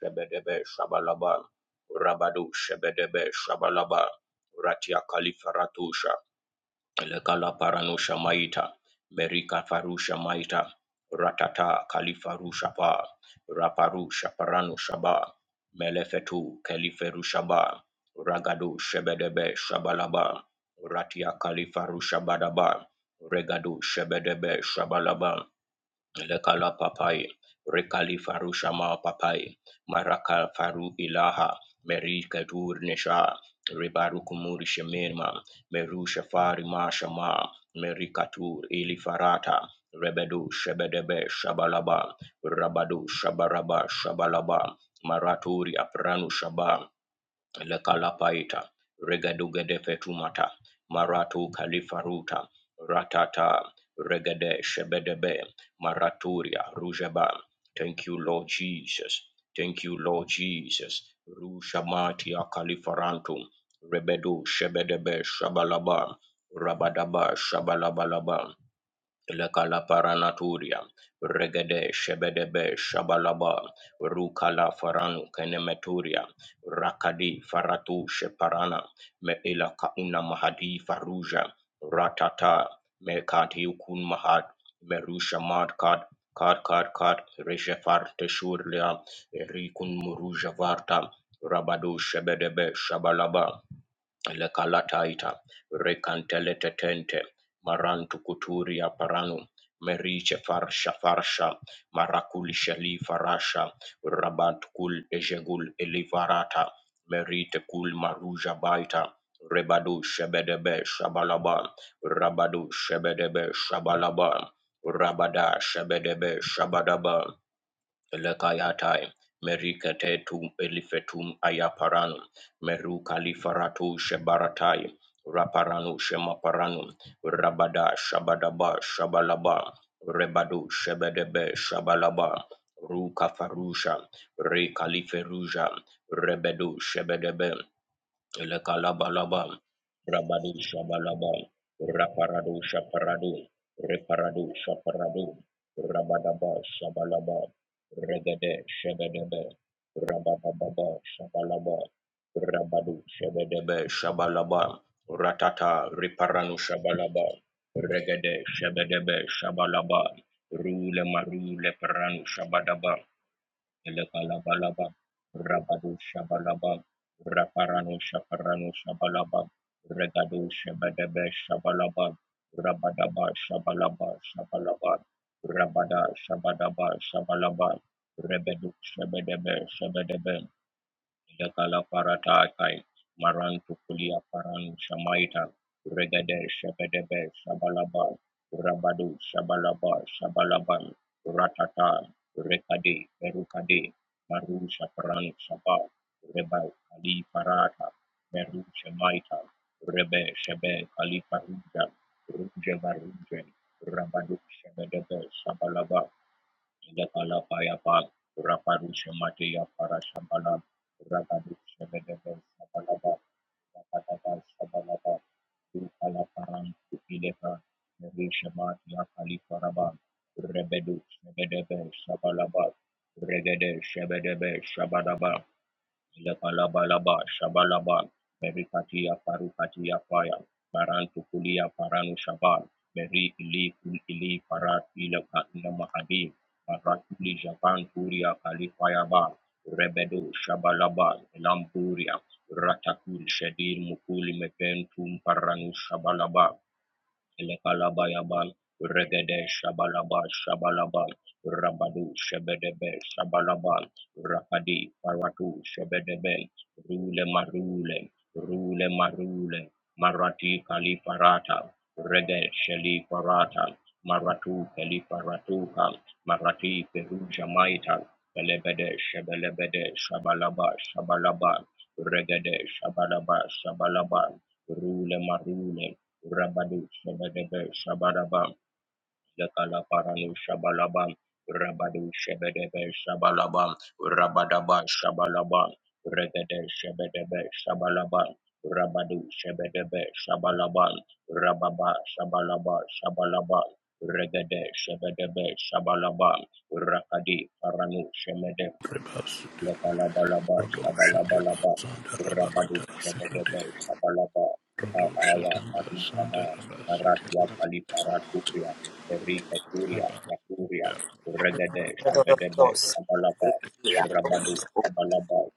Shebedebe Shabalaba, Rabadu Shebedebe Shabalaba, Ratia Kalifaratusha, Lekala Paranusha Maita, Merika Farusha Maita, Ratata Kalifarusha Pa, Raparusha Paranusha Ba, Melefetu Kaliferusha Ba, Ragadu Shebedebe Shabalaba, Ratia Kalifarusha Badaba, Regadu Shebedebe Shabalaba, lekala papai rekali farusha ma papai maraka faru ilaha meri kadur nesha ribaru kumuri shemirma meru shafari ma shama meri katur ili farata rebedu shebedebe shabalaba rabadu shabaraba shabalaba maraturi apranu shaba Lekalapaita, Regadugede Fetumata, Maratu Kalifaruta, Ratata, Regade Shebedebe, Maraturia, Rujaba. Thank you, Lord Jesus. Thank you, Lord Jesus. Rushamatia Kalifarantum, Rebedu Shebedebe Shabalaba, Rabadaba Shabalabalaba. Lekala paranaturia regede shebedebe shabalaba rukala faranu kenemeturia rakadi faratu sheparana meila kauna mahadi faruja ratata mekati ukun mahad merusha mad kad kad kad kad reshe farte shurlia rikun muruja varta rabadu shebedebe shabalaba lekalataiita rekanteletetente marantu kuturia paranu meriche farsha farsha marakuli shali farasha rabat kul ejegul elivarata merite kul maruja baita rebadu shebedebe shabalaba rabadu shebedebe shabalaba rabada shebedebe shabadaba Elekayatai, Meriketetum Elifetum Ayaparanum, Meru Kalifaratu Shebaratai, Raparanu Shemaparanum, Rabada Shabadaba Shabalaba, Rebadu Shebedebe Shabalaba, Ruka Farusha, Re Kaliferuja, Rebedu Shebedebe, Elekalabalabam, Rabadu shabalabam, Raparadu Shaparadu, Reparadu Shaparadu, Rabadaba Shabalaba, Regede Shebedebe, Rabababa Shabalaba, Rabadu Shebedebe Shabalaba, Ratata Riparanu Shabalaba, Regede Shebedebe Shabalaba, Rule Marule Paranu Shabadaba, Elekalabalaba, Rabado Shabalaba, Raparano Shaparano Shabalaba, Regado Shabadabe Shabalaba, Rabadaba Shabalaba Shabalaba, Rabada Shabadaba Shabalaba, Rebedu Shabedebe Shabedebe, Ilagala Paratakai, Marantukulia Paran Shamaita, Regade Shebedebe Shabalaba, Rabadu Shabalaba Shabalaban, Ratata, Rekade, Berukade, Maru Shaparan Shaba, Reba Kali Parata, Meru Shemaita, Rebe Shebe Kali Paruja, Ruje Baruje, Rabadu Shebedebe Shabalaba, Ilakala Payapa, Raparusha Matia Para Shambala, Rabadu Shebedebe Sabalaba, Rabadaba Sabalaba, Ukala Paran Ileka, Risha Matia Kali Paraba, Rebedu Shebedebe Sabalaba, Regede Shebedebe Shabadaba, Ilakalabalaba, shabalaba, merikatia parukatia paya, barantu kulia paranu shaba, meri ili kul ili parat ila ka ila mahadi, paratuli japan turia kalifaya ba, rebedu shabalaba, elampuria, ratakul shadir mukuli mepentum paranu shabalaba, Elekalabayabal, Regede Shabalaba Shabalaba, Rabadu Shebedebe Shabalaba, Rapadi Paratu Shebedebe, Rule Marule, Rule Marule, Marati Kaliparata, Rege Sheli Parata, Maratu Kaliparatuka, Marati Peruja Maita, Belebede Shebelebede Shabalaba Shabalaba, Regede Shabalaba Shabalaba, Rule Marule, Rabadu Shebedebe Shabalabam, Lekalaparanu Shabalabam, Rabadu Shebedebe Shabalabam, Rabadaba Shabalabam, Regede Shebedebe Shabalabam, Rabadu Shebedebe Shabalabam, Rababa Shabalaba Shabalabam, Regede Shebedebe Shabalabam, Rakadi Paranu Shemede Rebas Lekalabalaba, Rodosha Deba Shabalabalaba, Sanda Rabadu, Rabakata Sikade Shebedebe, Shabalaba, Rodosha Paraya, Damba Padu Sanda Sama, Rabasiti Paratia, Pali, Paraturia, Berika, Turia, Rabas Raturia, Yara Regede, Shebedebe, Dos, Shabalaba, Rabadu, Shabalaba,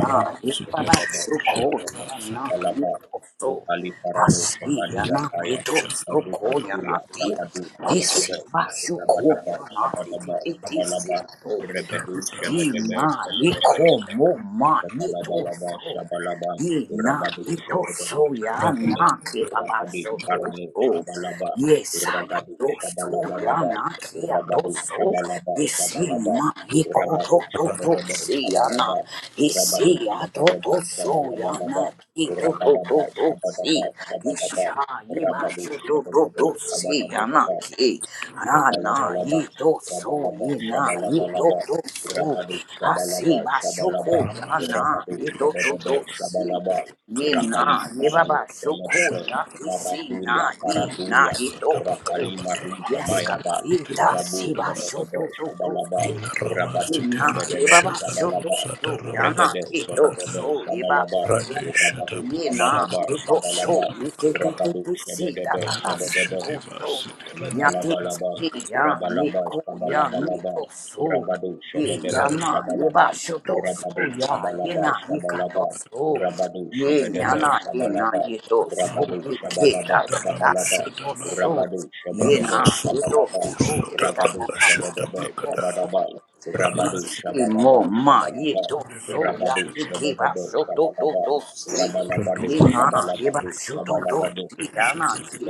na yitaba Sitera Regede, soko Shataba Shebedebe, ya na Satika Shabalaba, yito so Rukali, Paranu, hasi Rama ya Shemadia, na Paya, Sitera yito Shataba soko Berika, ya na Turia, ti Rabadu, hisi Shebedebe, ba soko ya Rabadaba, na ti ti Shabadaba, ti ti so. Shabalaba, ya to Rebedu hisi Daradas Shebedebe na Shebedebe yiko mo ma yito Zakalabalaba so Shabalaba ye na Rabadu yito so Shebedebe ya Shebedebe na ki baba Rapadi so to Parani so Shabalaba ye sa ya Ragadu to so ya Shabalabalaba na ki ya to Rabadu so Shabalaba hisi Shabalaba ma yiko to Rabadu to to Shebedebe si ya na Shabalaba Rabadu Isi Shebedebe atoto so ya Shabalabalaba na ki to to to Rabadaba to si Shabadaba Shabadaba isha iba so Rabadu to to to Shebedebe si ya na Shabadabadaba ki ra na i Rabalabalaba, to so Rabalaba, i na i to Shabalabalaba, to so Rabadu, Shabalaba, asi ba shoko Shabalaba, ya Rama na Rabadu, i Sitera to to Shabadabe, Shataba to si Shabalaba, ye na Rakali, ye Parano, baba shoko Shabadabe, ya Shataba ki si Maraturia, na ye na Paraturia, i to Sataba so Rakali, Katabata Marusha, Yes, Rade God. Mayaban, Ita Siteba Marabu, siba Daba Shabadabe, shoto Shabalaba, Ina Rama Rabadu, Na Sitera Shabadabe, yeba ba shoto Shabalaba, so yana Regade, kito Shabadabe, Bakata so yeba Shabalaba, shoto Rabadu, Radeshatapu ye na Shabadaba, Satapama yeto so Shabalaba, ye te Satapakata te te Rabadu, te si da Shabadabe, da da si Shabadabe, ko Radeshatiba so ya Satirene te Elakalabalaba, si Satapakata ya ni Rabalaba, ko ya ni Sabalabalaba, to so Rabadu, ye ya Shabedebe, na Shabalaba, yeba shoto so Rabadu, ya ye Shabalaba, na ye ka to Shabalaba, so Rabadu, ye ya Shabedebe, Rada na ye na Shabalaba, ye to so Rabadu, ye Sandarabu ke Shabadaba, da da da Sataraba Shabalaba, si ko Shataba so Rabadu, ye Rama Shabedebe, na ye Sotu to Shabalaba, so ye da Ragadu, da Sataraba da da Shabedebe, si to Shatapakata so Shabadaba, Rana Rabadu, Si Sidi mo Shabadaba, ma Raba ye Shabalaba, to so Sandarade ya Rabadu, Shataba iki ba Shabedebe, so to to Shabalaba, to si Radu Rabalabadu, ni na ye ba Shabalabadu, so to to Shabalabadu, si Pakata ya na ki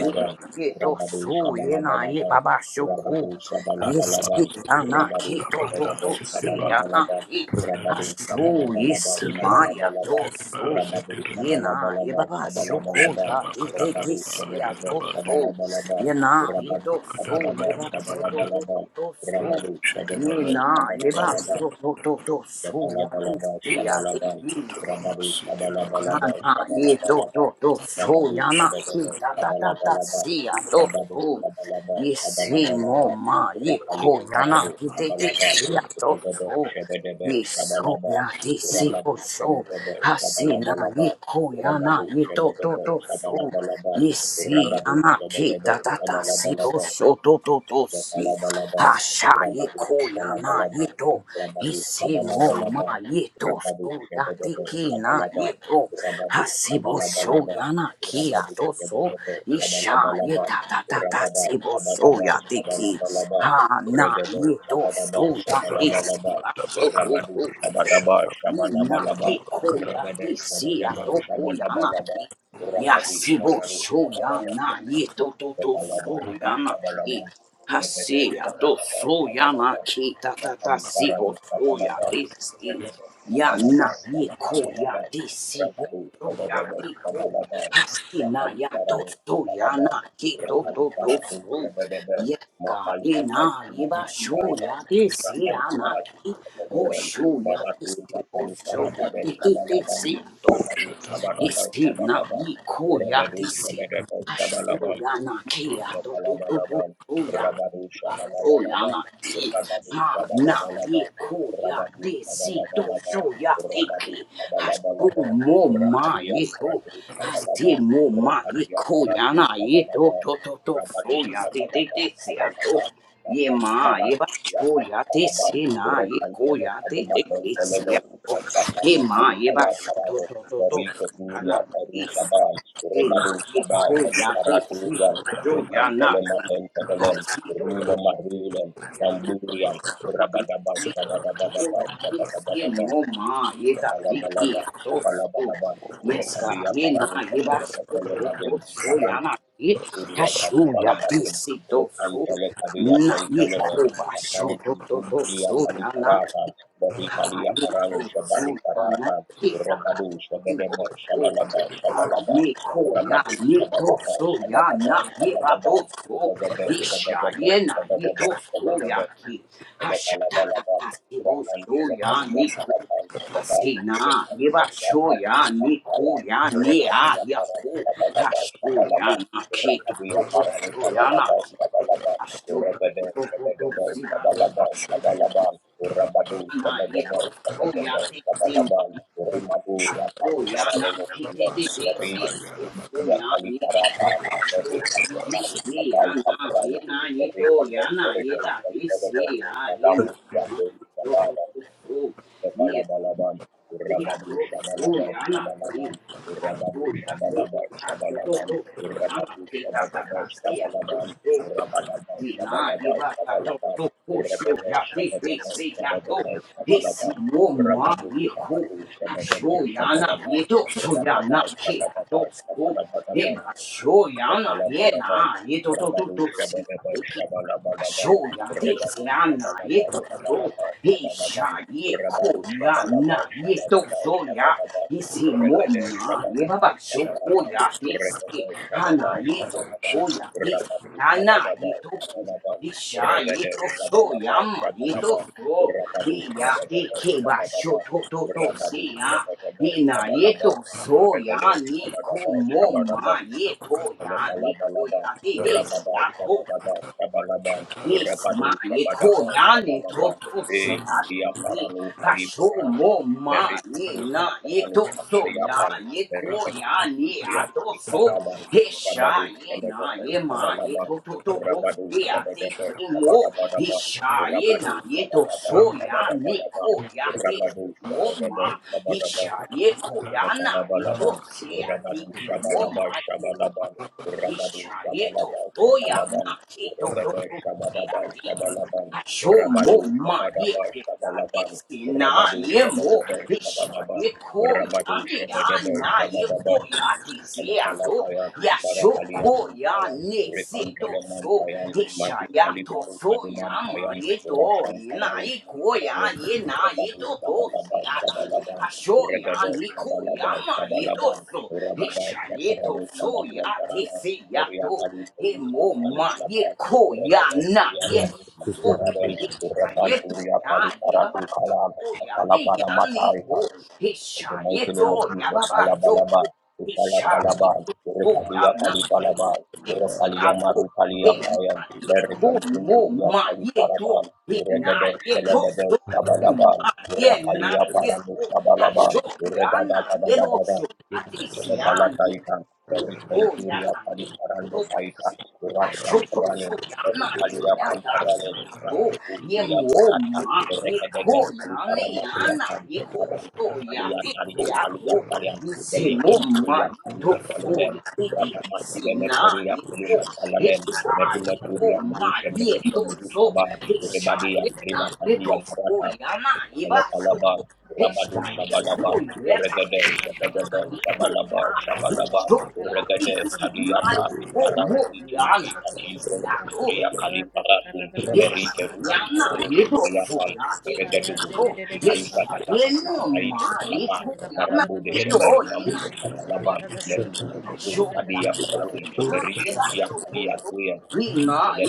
ni na ye to Rabadu so ye na ye Shabalabalabam, ba ba so ku Rabadu ye Araba si Shabalabalabam, ya seke na ki Rabadu to to tarana to Shabalabe seke si ba ya na Shabalabalabam, ki rada a de Rabadu de so ye Shabalabalaba de si ma reba ya to Shabalabalaba, de reba so seke Rabadu reba ye na ye Shabalabalaba ba ba odo so ku Shabalabalaba, shada ya ba ti kada ti ti Rabadu raba si ya ya Shabalabe raba to de so Shabalabalabam, ye na ye ba Rabadu to kada so raba Shabalaba ye de ba ba de ba so to kada to to Shabalabalabam, to so rada Rabadu seke ba Shabalabe Nina, ba yeba Shabalabalabam, rada so to to to so ya to Yakalabalaba se ya de Shabalaba ki. Rama, Rabadu seke ba kada Shabalabalaba Na na ye to to Shabalabalaba to so Rabadu ya na ki Shabadaba ta ta ta ta Shabalabalaba si ya to Rabadu so. Shabalaba Ye si mo Shabalabalaba ma ye Rapali ko ya na Paralu ki te te Shabalaba si ya to Rabadu so. Shabadaba Ye so Shabalaba ya te si o Rabadu so. Shabadaba Ha si na Shabalabalaba ye ko ya na Rabadu ye to to Shabadaba to so. Shabalabalaba Ye si ya Rabadu na ki Shabadaba ta ta ta si o Shabalabalaba so to to to si. Rabalabalaba, Asha Rabadu yeko yana Shabalabalaba, yeto Rabadu isimo ma Shabalabalaba, yeto Rabadu so yate Shabadebe ki na Shabalaba, yeto Rabadu hasibo so Shabalabalaba, yana ki Rabadu ato so Shabadebe isha Shabalabalaba, yeta ta ta ta Rabada sibo so Shabadaba yate ki Shabalabalaba, ha na Regede yeto Shabadaba so yate Rama, si Shabalabalaba, Arabasiteba, so Radadidididideba, Siteba, Shadabakadaraba, so Rabadu Yadabade, Bakadarabadabadabakada, Radadididideba, Badabadaramasidebakadaba, so so Ramakadabakada, Shabadaba na Shabalabalaba, yeko Shadabarakada, Regede yate si Shabadaba ato ko yana Shabalabalaba, ki Rabadi Yasibo Paralu so Shabadaba yana yeto to to Rakabalaba so yana ki Shabalaba, Regede Hasia do Shabalaba soyama Rebede ki Shabalaba, ta ta ta si bo Rakaliparano soya Shabalaba, desi Regede ya na Shabalaba ye ko ya Shabalabalaba, desi bo Rakalu soya Shabedebe di ko Shabalaba, hasina ya do Rakaliparano soya na Shabalaba, ki do do to Rakaliparatu so Shabedebe, yes ka he na Makaliapan ye ba sho Makaliparaba, ya desi ya na ki Rakaliparatu ho Shabedebe, sho ya Maratu desi bo Rama, soya Rakaliparabade di di Shabalaba, do. Rabadu Shadabrama, Shabadaba Ese na Shabalaba, ni koya Rabadu dese. Shabedebe Asho Shabalaba, ya na ke ya do do do do Rabalabalaba, do ya. Rabadu Ba do ya Shabalabalaba, na ke. Rabadu Ha na ye Shabalabalaba, ko ya Rabadu de si do Shabalabalaba, so ya Rabadu teki hasu Shabalabalaba, mo ma Rapadia ye ko Paratu hasi Shabalaba, mo ma ye Rapadia ko ya Paratu na ye to Shabalaba, to to to so Rabadu ya te te Shabalaba, te si ya to Shabalaba, ye Napali ma ye ba Paratu so Yakan ya te Paraban, si na ye ko Rekantele ya te te Adamatan de si ya Pelele, to ye Achapadu ma ye ba Kalipaya so to Parado, to to to Mariko ya na Turia Paru ye Shabal, ye na Rebadu ye Shabal, ko ya de Kaliparatu si Yakan. so ya na Rikantelematen Pelelem, hasi Rulema Rulem, Yes, Namburian, God. Rabadaba Shabadabadaba Shabadabadaba Rekalabalaba, Shabalabalaba, Rekabia Ye na ye ba sho to to Paralekelebelebel, so Maran ya na ye ha Kuria sho ya he Kaliparabadem, si to so Rekantele Kadia na ye Telkelele, ko ba sho Masam to to Kuntum to Priya so ya Kaliparata, Hallelujah. Borikalia Parano Shabali Parata, Rebadu Shabedebe, Shabalaba, Shabalaba, Rabadu Shabadaba, Shabadaba, Shabadaba, Rebebe, Shabedebe, Shabedebe, Shabedebe, Elekalabalaban, Rakan, Elekadia, Palakan, Eleban, Rekan, Kariatak, Kalbaya, Rekadia, Parano, Shabalaba, Shabalaban, Rakadia, Parano, Shabalaba, Shabalaban, Rebede, Shebedebe, Shabalaba, Shabalaban, Rabadu, Shebedebe, Shebedebe, Shabalaban, Rimaduria, Kaliparano, Kulan, Meri, Kutumbia, Kaliparatan, Meri, Kaliparu, Shabai, بریکن بریکن بریکن بریکن لامویا شابالا دان Yana, شابالا دان شابالا دان شابالا دان yeah, so so yana شابالا ki, ta so ya ki, دان ta so شابالا دان شابالا do دان do so yana ki ta شابالا دان شابالا ta ta دان si ya شابالا so دان so شابالا دان si شابالا na di دان ba ta شابالا to دان شابالا دان شابالا دان شابالا دان to ko so ya ki ki si ya to di شابالا si mo ma ni ko ta so yana ni to so yana ki ya to دان so شابالا دان ni show so yana ye Labalabalaban, na ni do do do Rabadu do Shabadaba si. Shabalabalaban, Soya Regabu deseana Shabalaba yeto so Shabalaba Isha Shabalaban, ye Rabadu koya na Shabalaba yeto Shabalaba soya Shabalaba, Isi Regade moma ye Shabalaba baba Shabalaban, shokoya Regade desi Hana Shabala yeto Shabalabam, soya desi Rababu Hana Shabalaba, yeto ku Rabadu Shabadaba Shabalaban, Isha Regade yeto soya Shabalaba ma yeto Shabalaba, so Rabadu Iya de Shabadaba keba Shabalaba, shoto to to Rabadu siya Shabadaba Ina Shabalaba, yeto Shabalabam, soya Regade ni ko Shabadaba Shabalaba, Shabalabam, moma yeto ya ni Elekalaba, koya de desi Rabada, Shabadaba, Shabalaba, Yes, ma, Rabadu, ye Shabadaba, koyani to Shabalaba, to si Eh, Lia ye Paranu, Ali hasho Parata, mo ma Mary ye Katu, na ye Paranu, to so ya Shabaliapan, ye Mary Katu, koyani Libria, a to Ali so Parada, he sha Rabadu, ye na Shabadaba, ye ma ye Shabalaba, to to to to Rabadu, si a te Shabadaba, ki mo he Shabadabadaba, sha ye na Rabadu, ye to Shabadaba, Ram, so ya ni Shabadabadaba, ko ya te Rabadu, mo ma Shabadaba, he Shabadaba, sha ye koyana ye to Lakalabalaban, se a te Rabadun ki mo Shabalaba ma ye to Shabalaban, Rabadun Isha yeto Shabalaba soya Shabalaban, na keto do Regade do Shabadaba ya diki. Shabalaban, Asho mo Rabadu ma Shabadaba yeko ya Shabalaban, disi na Rabadu ye mo. Shabadaba Isha Shabalaban, yeko Rabadu ya ne ya Shabadaba na yeko Shabadaba, ya disi ya do. Kalakalapayan, Ya sho ko ya Barakaliyapampayan, ne Urikam se to so. Kelemampayan, Isha Madu ya to Kaliparu so ya ma Kadumampayan, ye do. Urasham na ye Paranusham ko ya Paranum, ye na ye Urebabu to do se Sabalaba ya di. Sabalaban, Asho ya Uregade ni ko Sabalaba ya ma ye to Sabalaban, so. Urababa Ishayeto Shaparanu so ya Sabalua te Parana, se ya Uria to Kali ye Peru mo Saparanu ma ye Sabal, ko ya Uregade na Kalia ye Paru Kali so Pararen, Urepan Ishayeto Turia Kali ya ye baba Paratu Kalam, shoko ya te Kalapana ya ni Matai ko In the mighty name of Ishayeto ya Jesus, baba shoko Palabalaba, Ishala Palabal, Ishayeto so ya Urekalia na Kalipalabal, ye si Urekalia ya to Maru Kalia ye na Payan, ye ko Berikantin mo Kuria ma ye to Kaliparabal, ye na Uregade ye to Shelebede so ye ma Sabalabal, ye na Urakalia ye paramus ko ha Sabalabal, so ya Uregada na ye bo Gada a ti si anni Kalataitans, Dari Oh, yeah, Centuria me. Paliparando Oh, see. Paitans, I Urasham should go so Paralim, young, Dari I Kalia can't ask Pamparalim, you. Marantu You Kulia more, Parata, ma, you Rekedegel call, you know, Kaliparamatiakam, you call, Maranta so yeah, Kalia this, Kalia yeah, Kalia oh, Palian, you see Dari more, ma, Centuria you Kalia talk for, Kalalem, you see, Radamat this, you Lemet know, Beria you call, Peluma this, Kalalem, ah, you Merula Rakata call, Turia ma, Merusha you Merusha talk Merusha so, Bahar, this, ah, you Rebadia know, Rima you Kalia talk for, Marata, you know, you back, so, Alabalaba, this, Rabadu ah, you Shabalaba, call, you let Regade us Shabadaba, Shabalaba, Shabalaba, Yes, Regade Kadiata, Marauti Tumbi Katifon, Ria Kaliparatun, Ram, Meri Ferushi Kuranu Shibriapan, Regadu Gukuki Kalikata Guku Kalika Kalaban, Marabu de Shatabu Shemeri Mamu de Shabalaban, Merudu Gukuru Kadia Paranun, Meri Shetia Kalia Kuya,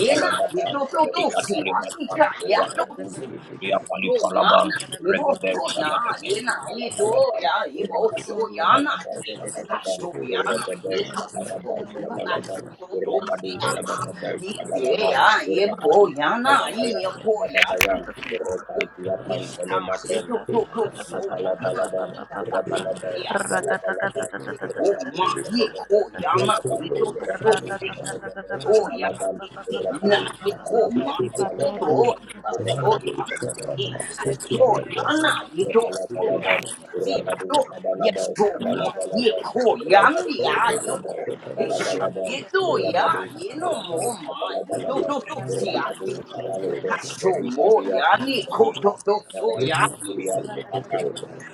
Ole prata da da da da da da da da. Verikatalimatan, Aka da da da da Rakakun, da da da da da. so Riapalifalaban, yana Raka da da da ibo ba ba Regabel so ba ba na ba ba ba Shabadabel ba yena ba ba ba ito Shabalabalaban, ya ibo Rabadu so Oh Lord, yana da Shabalabal ki da da da da ha da Shabalaban, da so da yana ni Rabadel ka Help me so to Shabadabal know yana you, Shabalaban, Jesus. so to Help se Rabadu raka da ama da da da Shabadabel ni ba ba ba ba se Shabalaban, ba ba ya ba ba ba ibo ba Rabadu yana i Shabadabaya ya Raka da ko da da ya da da da ki Shabadabayan, da ya da da ko da Rekantia da. ni sa ni Pantelemate, to Rakata to to so yana Rabalabalaba, ki ta ta Rabalaba, ya to ni Shabalabalaba, se o Rabadu ma ni ko Shabadaba, yana Sabalaba, ni to to to Rabadu si Shabadaba, Gloria, Sabalaba, digna Rabadu di Shabalaba, coma, ito Sabalabalaba, gloria, Rabadu gloria, Shabadaba, di Sabadaba, astroyana, ito gloria, Sabalabalaba, di Rabadu ato, Shabalaba, yes, coma, di Sabalabalaba, Rabadu Shabalaba, Sabalabalaba, koya, mi ayoko, Rakata isya, ito Rabadu ya, you do ya ino Shabalaba, mo ma, ito Sabalabalaba, to to siya, Rabadu iti, Paralohe, asyo Erika mo Dia ya, ni Kusalika, koto to Maral soya, Kukuria, Apan,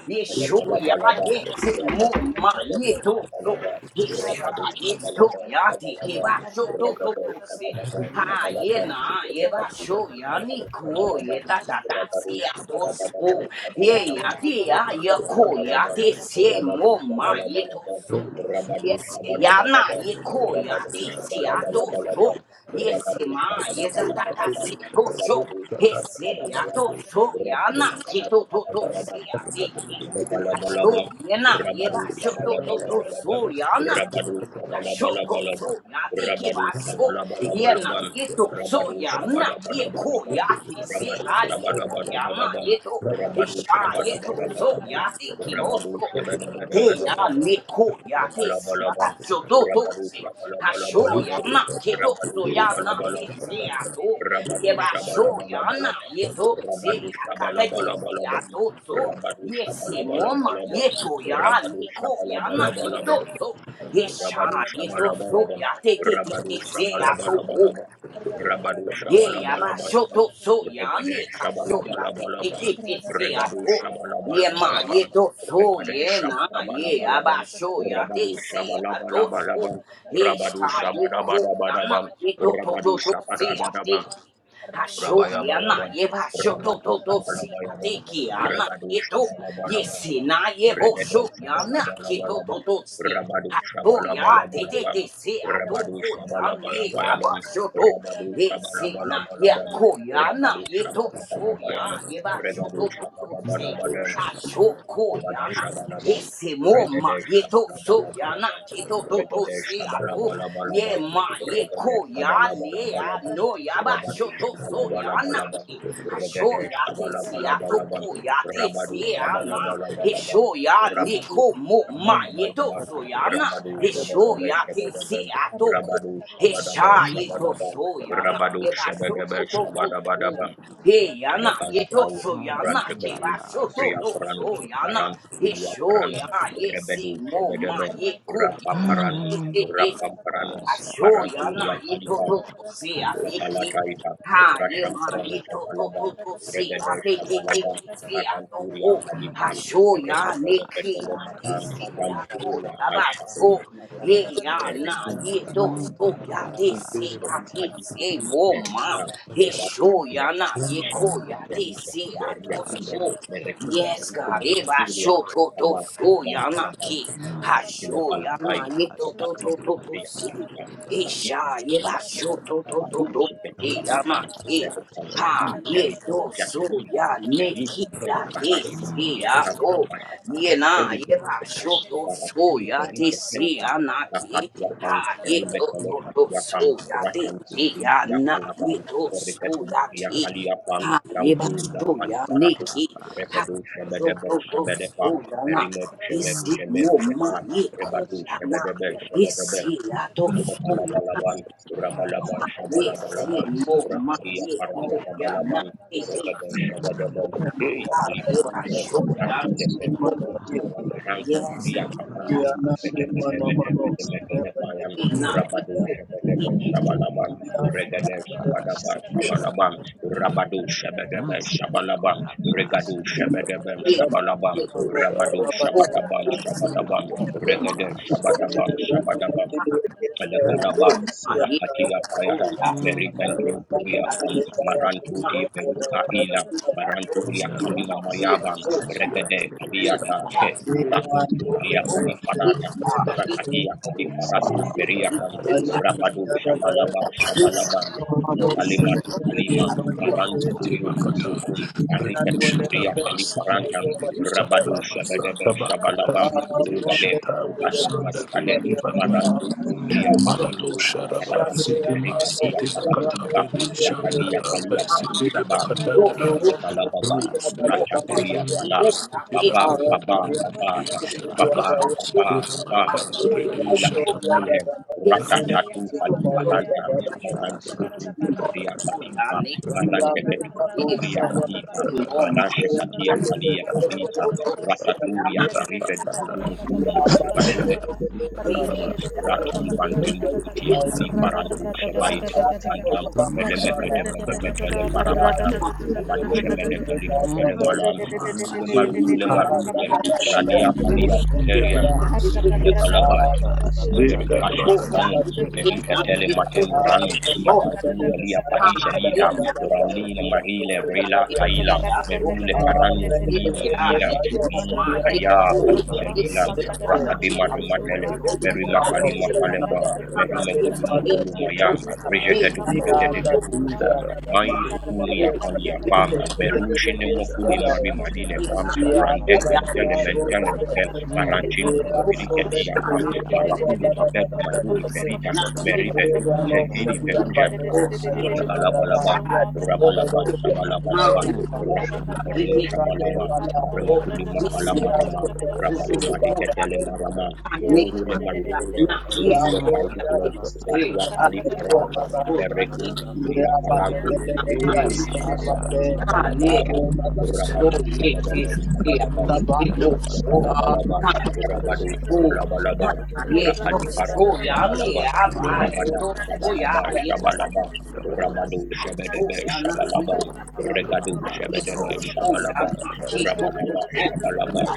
Yeshuya, Balabalaba, Rabadu, Yesimuma, Sabadaba, Yetoso, Shabalaba, Yesha, Rabadu, Shabalaba, Yestoya, Shabalaba, Tikibasho, Toto, Rabadu, Tose, Shabalaba, Ha, Shabalaba, Yena, Rabadu, Yebasho, Shabalaba, Yaniko, Shabalaba, Yetatata, Rabadu, Siatoso, Shabalaba, Shabalaba, Yeya, Dia, Yako, Rabalabalaba, Yate, Rabadu, Simuma, Shabalabalaba, Yetoso, Rabadu, Yes, Yana, Shabalabalaba, Yeko, Rakata Rabadu, Yate, Siatoso, Shabalabalabalaba, Rabadu, Yesima, Shabalabalaba, Yetatata, Rabadu, Heseya to Shabalabalaba, soya Rabadu, na kito to to Shabalabalaba, seya deki. Asho Rabalabalaba, yena yena Rabadu sho to to to Sabalabalabalaban, soya na. Rabadu Asho to Sabalabalabalabam, soya deki Rabadu basho yena Sabalabalabalabam, yeto Rabadu soya na yeko ya Shabadabadabadabam, ti se Rabadu a yeto yama Shabadabadabadabam, yeto Rabadu hisha yeto Shabadabadabadabam, soya deki Rabadu Te Shabadabadabadabam, ya neko ya te Rabalabalabam, sbarazzo to tozzi, a shoya Rabadushabalabalabam, na che tozzo ya na te Rabadushabalabalabam, sia to, e va shoya na Rabadushabalabalabam, ye to se a kata te sia Rabadushabalabalabam, tozzo, ye se moma ye Rabadushabalabalabam, to ya neko ya na ye Rabadushabalabalabam, tozzo, ye sha Rabadu ye tozzo Shabalabalabam, ya te te te Rabadu te se a to Shabalabalabalabam, Rabadu yeah, about Shabalabalabam, to so ya Regade ne Rakata ka so ya te te Shabalabalabalabam, te te te ya Regadu ko ye ma Shabalabalabalabam, ye to so Regade ye na ye about Shabalabalabalabam, show ya te Rabadu se ya to so Shabalabalabalabam, ye Rabadu sa ye ko ya na Shabadabadabadabam, ye to to Rabadu to to se ya Shabadabadabam, te ki ha show ya na Rabayabalaban, ye ba show to Rabatu to to se ya Shabalabayaban, te ki ya na Regadu ye to ye se Shabalabalaban, na ye bo Regadu show ya na ki to Shabalabalaban, to to se Rabadu ha to ya te te Shabalabalaban, te se ya to Rabadu ko ya ne Shabalabayaban, about show Rabadu Esina Shabalabalaban, yakoyana Rabadu yeto soya Shabalabayaban, yeba Regadu shoto Rakata toto se Shabalabalaban, ashoko Rabada yana Shabalaban, ese moma Regade yeto soyana Shabalabalaban, keto toto Regade se ato ye Shabalabalaban, ma ye Regade koyane Shabalabalaban, ano yaba Rabadu shoto soyana Shabalabalaban, ke asho Regade yate se ato Shabalabalaban, koyate Rabadu se ana Shabalabalaban, esho ya Rakata Rabadu niko moma Mando yeto Shabalabayabayaban, koraba soyana Rabadu shati esho kapa Shabadaba pa pa yate pa pa se Shabadabam, pa pa. ato Koyate Rabadu Shabadaba Hesha Ana yeto Shabadaba, mando soya na koraba Rabadu yeba shati Shabadaba shoto to kapa pa to pa. so. Shabadabadaba, He yana yeto Ilakalapai, soya Mando na keba koraba Rantakatuntum, shoto to shati Priaparanum, kapa pa. soya na. Hesho Marantukuliaparanum, ya yese Rebedu, mo ma Shebedeben, yeko ya Ana Rapaparanum, mando na. koraba Rapaparanum, shati kapa Ashoya pa na Maranturia pa ye to Kalipa, to to pa se pa pa. a te Shati ki. kapa. Nepalataita, Ha ye ma Rashamparano ye to to to Shabalabal, to se a Regade te te te Shabalabal, te se a to Matanturia ko. Ana Kadipal, mando asho ya koraba ne Merekatele ki Ketele shati a te Hikarada Matan, kapa. si baba a baba to baba Lamburia ya baba ba baba Aishakum, so. Maka da Ye da da da Meritum, da ya da na da da, Erikum, ye to Mando Marukum, so ya te koraba Erikum, se a shati te kapa pa pa se Erikadikukum, pa mo pa pa pa ma. Erisa, pa He pa. Merakum, sho ya na ye Yakakisham, ko Ana ya te mando se Erishakum, a koraba to Eriakum, so. shati kapa Merekum, pa pa Yes, pa God, pa. Erikum, Eba Erikum, show to to Kabam, so Kabam, ya na Kabam, ki. Ana Ha mando sho ya na Elabalakai, koraba ye to to shati Repatu, to to kapa to pa Bea, pa pa se. Aska, pa. Isha Aditum, yeba Tritatia, shoto to to Maratu, to Namando e Sepetia, Patang, ama Kurapa ke Shati Berokan, ha Ulu, ye Kalipun, do so Jatanina, rada ya da da da ne ki Meritum, da El da ya da da, de Paratu, yang da da si da ya Aramando Riakan, da to da da Mastakan, da Kurapa ye da. na ye Shati Eligen, yeba Makan, shoto so Baratili, ya de Berise, si Pleikan, ya na Lakat, ki Yakan, ha ye do Elimet, to Elokat, to Yamando Yakan, so ya de Racan, Kurapa si Shati Lingkum, ya Raka na Yakan, Lakan, ye do so Berikatum, ya ki Riakali, Yakan, ha ye ba Lambur, so Yakan, ya Aramando ne Paratu, ki Kurapa Shati Aramando Kurapa ha Rebedu, Shati do Shabadaba, do do Shabadabam, so ya na Merimedu, Shemedu, esi Shemeru, mo Aramando Shetan, ma ye ko Kurapa Rebadu, ya Shati na Shebedebe, Yesi Shebedebe, yato soya na Shabalabalaban, Rabalaban, Aramando yesi Shabalabalaban, mo ma Rakadia ye Parano ko ya na Shabalaban, e te Regaban si o Shabadaban, o Thank Hey a ye ra Kurapa Kaliparule, sho Shati ya na Marule e ko Perukon, o Rakaranku, yes Bria ka Mando ya Kurapa Kapantin, Mete Shati Mete Mete Mete Mete so Lepayan, e na e Rabadu ko e Shabadaban te Shabalaban, o Namando Kora Regadan Basha Shabadaban Tika yes Papa Shabalaban, Papa Rabadu Shabadaban you. Maramando Shabalaban, Kora Basha Regadu Thank Tika Papa Shabadaban e Papa na Papa Shabalaban, e Rabadu o Papa o ya Shabadaban e si Shabadaban, o Namando Kora ye ma Regadan Basha o Shabadaban Tika Papa Shabadaban, Papa a Papa Rakadadadadadadadadadadadada. ye Rakata Alakalaba o ma Papa ye Rakatia o Payaha ya e te Nanda Papa Merikantu si Papa ya Duriakam e si Papa Papa ma Marantuti Peruka Ila Maranturia Namando Kamina Kora Mayaban Basha Regade Tika Papa Kaliata Papa She Papa Papa Arakuntumbria Papa Kalifarata Rakatia Namando Kalifaratum Kora Beriakan Basha Tika Rabadu Papa Papa Shabalaba Papa Shabalaban Du Kalima Du Kalima Namando Marantu Kora Kulio Kulio Basha Kum Tika Papa Papa Arikatumbria Papa Kalifarantam Rabadu you. Take Shabadebe Shabalabam Thank Rugade Rukade Sanda Red Marukade Rakata River marantum tundria Malado pacimbum, Sharaba rakatum City Ma berikati City Bakata aparatumbang, Redi rakadia Shandara kalia City de parusabang, Bakata Dara Elekala baba, Rose racha kulia Derima fala, City baba, Bakata baba, Redi baba, Shatara baba, City baba, baba, Ramaka Redi rula, Shatara rule, Rama racha tatu kali paranta, City maranti kutum tumbia katimpa, marante ketum tumbia katita, marashe katia kalia falita, Berapa a rataturia you. arive dukudumu kulumu, marume dukudumu Yes. kulumu, rata mbante mbuntia Aramando kalifarantu coraba, shabaita shatika pa faranta, pa pa pa pa melemekete Bakata melemetele Redi parabadam, Shatara Rabadusha Melekali Metele Malam, coraba, Rule Ramasite Marule shatika pa Bakari Marule, Shata Radia Kalia Bushindi Tuteria, hata Ramasite Namando karaka Elekalaba, Bakari papa coraba, Thank papa you, Holy the papa Spirit. shatika pa pa Kasha rata Raji Pranum, tata luka Merinka paraka Tele Shata tata Matem tata Branum, raka raka raka Marantum Kalia raka raka Parisha raka tata Lila, Aramando Ralina Marile, raka raka Rela raka Thank you. raka tata Kaila, kada Merule tata Karanu tata Thank Kulina tata Melila, ya Mm, paraka tata Aya papa Alisha papa Lila, maka coraba, tata Rakade tutu tutu shatika pa Matele, pa pada Meri kata Makali tata di prakada Mafalema, tutu Meri kata Megulu kata Mavolu tata Aramando mayam. luka coraba, Reja Gadu Gudu shatika Gede Gagudu Fam, Mai Tukuni Yakalia Fam, Ramando Merushi Rakata Nemokuli Kurapa Mari shall take a Madine pa pa Fam, pa pa pa Ranten pa pa and pa. Telemen Telem Mando Marancentum Brigadier kurabasha Pam Oh, take a pa yeah. pa pa Malakulu pa pa Mabedu pa Oh, pa yeah, pa. Maduri pa. pa Perita Meriveturu Sekiri Haramando Veruja kurabasha take a Nekalabalaba pasando kuraba. Rabalaba Sabalabalaba you. Nemande Bushati ka Rakabu pa pa Perino pa pa pa Yes, pa Shamalaman pa pa pa pa. Paramakuli pa, pa Mapalamaraman Sha Luca Rabadu take a basa take a pa pa Marigatele pa pa Maraman pa pa pa. pa Rorule marule Rule Manda ka pa Parulem pa pa Ratia Kaliparata Berekuntum Bria Parantum pa Eh pa sha Shabalaba take take take take a a a a Shabalabalaba pa pa pa. Rabadu I'm Shabadaba this, yeah, Sabadaba the Mando this, bottom. oh, Ah. Balabalaban, coraba, oh. Rabado shall take go up a Shabalabalabam, papa, ye to Rakaliparano go ya me Shabalabam, Mando ye Rabada to go coraba, ya Shabababa shall ye ta take up a Shabalabam, go papa, Rabado ha go Shabedebe ya ye to Shabalabam, Mando go Regado ha coraba, ye to Shabedebe shall take go up a ya Shabalabam, ye to Rabadaba go papa, Shabalaba ha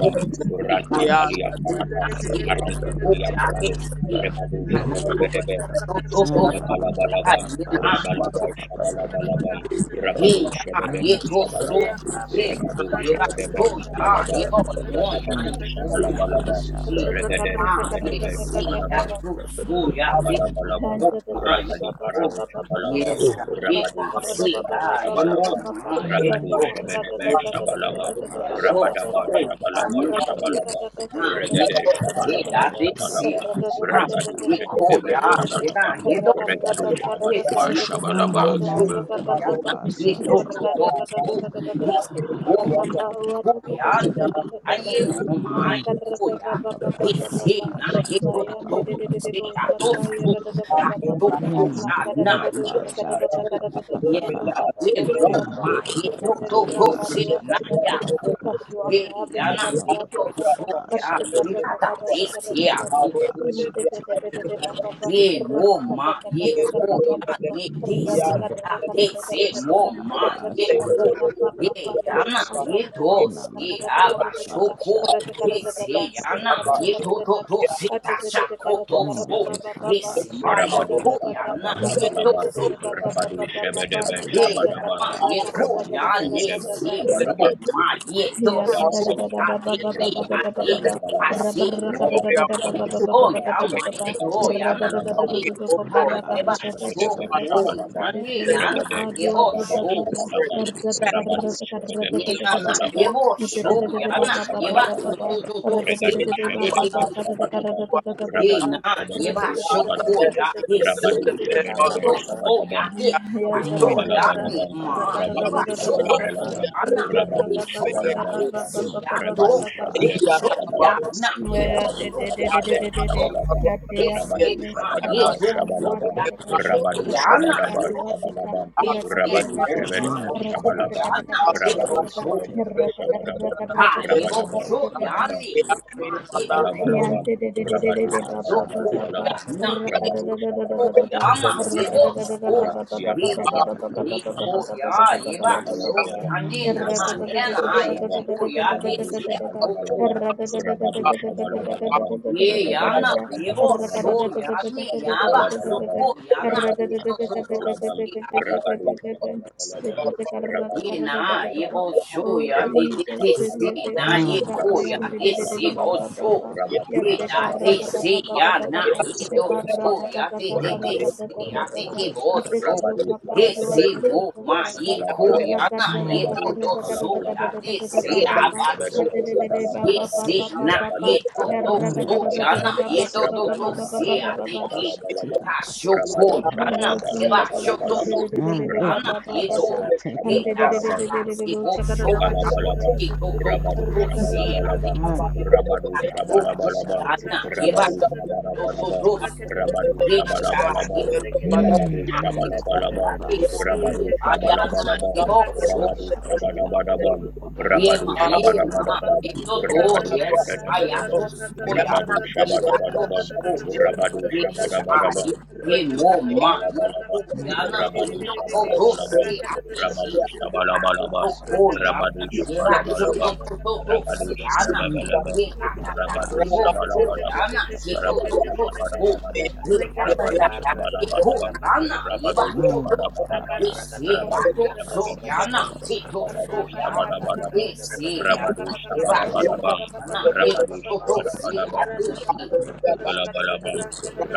go ye Ranta ka coraba, Yeah. Kalia shall ye take na up Paratam, a ye to papa, Marantu go ya te Pranum, ye Rebado ha, na ye Shabedebe to to to Mando ya Rabalabalabam, ye na coraca, shall ye to Rabalabal take up a Shabalabalabam, papa, ye Rabadu ya ye Shabadebel Mando to so Shabalabam, coraba, shall ye na Rekadu ye ba Shabadebel to ya Shabalabam, ye ba no ya Rabadabal ye ko Shabalabalabam, he, take up Regade a ah, Shabadebel yes, papa, he, Shabalabam, that Rakar good soul, yeah, Yeah. thank Mando you, Rakar Shalabalabalaban, oh kurapa my, Rakadi shate oh, Parano kapapa. Shabalaban, yes, yeah, Rabadu I see, Shebedebe ah, yeah, oh Shabalaban, my, yeah, Rakadu Mando Thank Shebedebe oh, karamando Shabalaban, kurapa Yo, shate Rabadaba oh, kapapa. ah, Shabalaba me, you, Shabalaban, ah, ye, Regade oh, ye, Shabalaba ah, Namando this, see, kurapa Shabalaban, ah, shate Regadu ye, oh, Shebedebe yeah, ye, na, Shabalaban, kapapa. ye, do, oh, Regadu yeah, this, Shabadaba see, Shabalaban, ah, do, Aramando oh, yeah, na, kurapa ye, do, shate do, do, kapapa. oh, he, oh, Harapapa. my, oh, yeah, me, ah, ye, no, ma, oh, yeah, you. he, Our see, na, ye, Shate do, do, Bayan do, de kapapa. de do, de de de see, bo ah, do, ya do da da da ba ah, ba ba do, ba. oh, yeah, Namando Maka da da da do na, kurapa shaka da da da shate ka da da do do do Yes, kapapa. do ba ba we ba ba mo ba ba. ma Take up a Ite ito te to luka to pa papa, si dua shall ta na Take ta up ta ya a ta. ko papa. Katua he kabe ya na katua Namando ito ta ta so Kurapa ya shall Arte ni take kara ta ta up ta a kara de ta kara Sando si ta ya ta ta. do Kurapa women Mm, in shall Te the te take te up te a ba ba papa. ba. he Thank Raka mo you. ma raka ta ka ye ta ko ba ba ya ba ba. ni de Raka si Namande kara ta raka de raka ta si ta Kapapa ta mo ta. ma Ka ta Papa ye ta shall ba ko take ba up ba a ba he ba ba. ya papa. na Aka ito ta ta si Namando ta ya ka ba ta sho ta. Kurapa, ko shall take he up a si papa ya na ito papa to to papa. si ta sha ko to so Mande he Kaba si shall ma ya take Rabadu up ko a ya Shabadaba na papa papa ito Shabalaban, so papa. Rabadu Shebedebe Ye Namando Shabadaban, yama Kurapa ye ko shall take Rabadu ya up a ne papa Shebedebe Rata si mo papa Shabadaban, ma papa. ye to ya kada ko da da da Balabalaba, ya ba ba de ba ba ki ba ba Rabadu ya Namanto ba de ba ba ha Kurapa Shabalabalaba, ra ba si shall ra mo take kada a da Rabadu da da papa ba ye ba ba papa to ba ba papa ba Shabalabalaba, ba ya ba Thank papa. ma ba ba ye Regadu to you ya ra da na da da da da ye away, da Shabalabalaba, Namanto da O ko pa ha God, ra ye Kurapa Rabadu right kada ba da shall da now, sho da take a da Shabedebe da ko Sumana, papa da papa ya Shabalaba, ite papa ne te papa papa that ya we papa luka Regade na bring pa the ye dua bo ta spirit Shabalaba of ta sho ta the papa ta Spirit Shabalaba, ra da da ka concerning Rabadu ra us. da ka ra da In Shabedebe da ye the na da da na mighty da name ye da of Shabalaba, bo ite te sho Jesus, te te te ya Rabadaba ba Bravo, na ba ba ye ba Sumana, ba ba ba to ba to Shabalabalaba, to to ra da da si da Ili Regadu da a Agri ba ti ba ti ba Shabedebe Banana, kada ti Shabalaba, Banana, Ye na Rabadu Banana, ye Shabedebe ba Yata, shoko Lere, Shabalaba, ya ye Lere, si Rabadu na Lere, Lere, ye Shabedebe to Barwas, so Shabalaba, ya Baba de Yata, ma papa. Lere, Yanda da Lere, da show Namanto da da ya Yata, da. ni Lapalabalabam, Kurapa ma Rakada ye shall da ba da Rabadu da take a da ba papa shoko so ba cool, ba. Shabalabalabam, papa yeah, nah, papa papa. Rikarada Rabadu hey, da so, ya baganda na ye so ra ya ye ba Shabalabalabam, ba si ba ya ba Namanto to Rabadu rakada ka Kurapa ba ye da da Shabadaba ka shall show da take da a ya da. papa Shabalabam, na papa papa Yata, ye to Maya de Rabadu so papa de de ya de Lere, papa. de de Lere, Shabadaba Lere, de de Oh! de. Lere, Shabalabam, Kade ye Namanto si Rabadu akabe na Kurapa ye Shabadaba to shall take a papa papa papa papa papa. Namanto Kurapa shall so take akapangwa a ta Shabalabam, ya ta papa. ta ye ta. si Rabadu ya Kade ta na Shabadaba ye kadi bo wa ta so ta. Shabalabam, ye Rata si kada Rabadu da mo da da. ma Shabadaba ye Namanto Rata ko kada Kurapa ya Shabalabam, kada na kada kada ye to kada so Rabadu da da. cool, Shabadaba Rata kada da Shabadabam, kada ha ye kada bo kada Rabadaba so kada da da. ya Shabadabam, ni ko ma ye to so cool, so, Lapalabalabam, Rabadu shall Yoko take a ya Shabalabalabalabam, na papa papa. ye Rabadu yoko Shabadaba, yama Ali Namando yedo Parama, so Kurapa Arakudia shall ye take up Parabam, pa pa. ye pa ko pa. ya ye ba so Ilakalabalaba, ya ne na Namando Rabadu ye Kurapa na ye shall Thank Shabalabalaba, you. take ko pa pa ya papa. te Yeah, we are going to make Rabadu se ya yoko Shabalabalaba, it. ye ya na ye Namando bo so Kurapa ya sha ne ya teka ba pa pa so ko pa. a ya na ye papa. to to shall to take up. se Ye na ye bo sho Oh ya de de Jesus, de si Shelete na ye Ah, ko ya yang de Namasande de de de de si de Kurapa shall bo Baba sho pa pa Baba. pa pa. pa pa pa ye Yerte na sha de teka Karataka pa si pa Papa pa Papa ya pa. na We Papa. are ye do solving sho Eparataka ya de de de Namando si ya de Kurapa Parakatata. ke the bo shall Nitete sho take pa pa Luka problem. pa. de pa Padua pa si pa Tata pa. mo ma Tata. ye Thank ko Sabalabalaba, ya na ye Ah, do Rabadu do Takande sho ya Sabalabalaba, de Rakadadadakadadakadadakadadakadadakadada Karamando si Rabadu Baba a Baba. ba Kurapa sho shall Shabadaba Mate de ko de pa pa de ye Baba Sabalabalaba, Baba pa si Baba na papa. Rabadu Baba. ye do do Sabalaba sho ya Naratika Shabalaba, Ngarradakadadadada na Baba ye do Baba pasando do Baba Rabadu do Baba si Baba Shabadaba ya kuramande de Baba. ke kapasha Shabalabalaba, tika ha sho pasando Rabadu ko ya na Oh Shabadaba ye kurabasha ba te. Jesus, sho de do de Shabalabalaba, do de de si de de Ande ba ya Rabadu ba, na ba ye ba kapasha do ba, Shabadaba tika and Hey, the da da, da da da, Shabalabalaba, pasando da, da si, bo, da kotika da sho, ya, pasha da Lakalabalaba, ki, tika da da, to, to, to, you. Rabadu papapa. ra to, Thank ga da da si, da ya, da di, Shabalabalaba, ba ba ba ba ba Aramando ba Rabadu ba ba ba bo, ba, ko, kurabasha Shabalabalaba, ya, ra na, tika ga da ye, da ba, da Rabadu da da pasando da da da, to, kosha to, Shabalabalaba, to, ra tika ga so, da da da Rabadu papapa. da da ye, da da, sha, ye, Shabalabalaba, ra ga da bo, da da Rabadu Hmm, da da ma, da da da da ye, da amando ko, ya, Shabalabalaba, di, da kurabasha si, da Rabadu papa ya, da da ya, da. na, papa Shabalabalaba, ye, bo, Rabadu Rabasha tika Shabalabalaba, pando Ye Rabadu ma kurabasha ye tika na, Shabalabalaba, yema, to papapa. do, Rabadu yes, Shabalabalaba, to so, ya na Rabadu Namando yana, yato Shabalabalaba, Kurabasha, so, take up Rabadu misha, Shabalabalaba, mo ma, ye Lekalabalabam, to ya na Namandukura Rabadu yana, to do, to shall Shabalabalabam, si, you. Rabadu atiki, ha, to Shabalabalabam, ko ya Rabadu na, ye yema, to, to, Shabalabalabam, to, to, to, Rabadu si, Rakatatatata yana, Shabalabalabam, ye, ta, Rakata ta, ta, Rabadu yemo, so, take up a ya Shabalabalabam, na papa kito, papa to, Rabadu to, to so, papa, Shabalabalabam, shall take up shall ye, ta, take ta, Rabadu ta, ta, up yiko, Shabalabalabam, yana, yema, Rabadu to, to, Shabalabalabam, ye, Kurapa shall si, ya Rabadu to so, ya na Shabalabalabam, yana, to Rabadu so, ya. Shabalabalabam, Yesi, ana, Rabadu yeba, shoko, Shabalabalabam, ana, yeko, Rabadu take toto, up a si, Shabalabalabam, papa aduki. Rabalabalabam,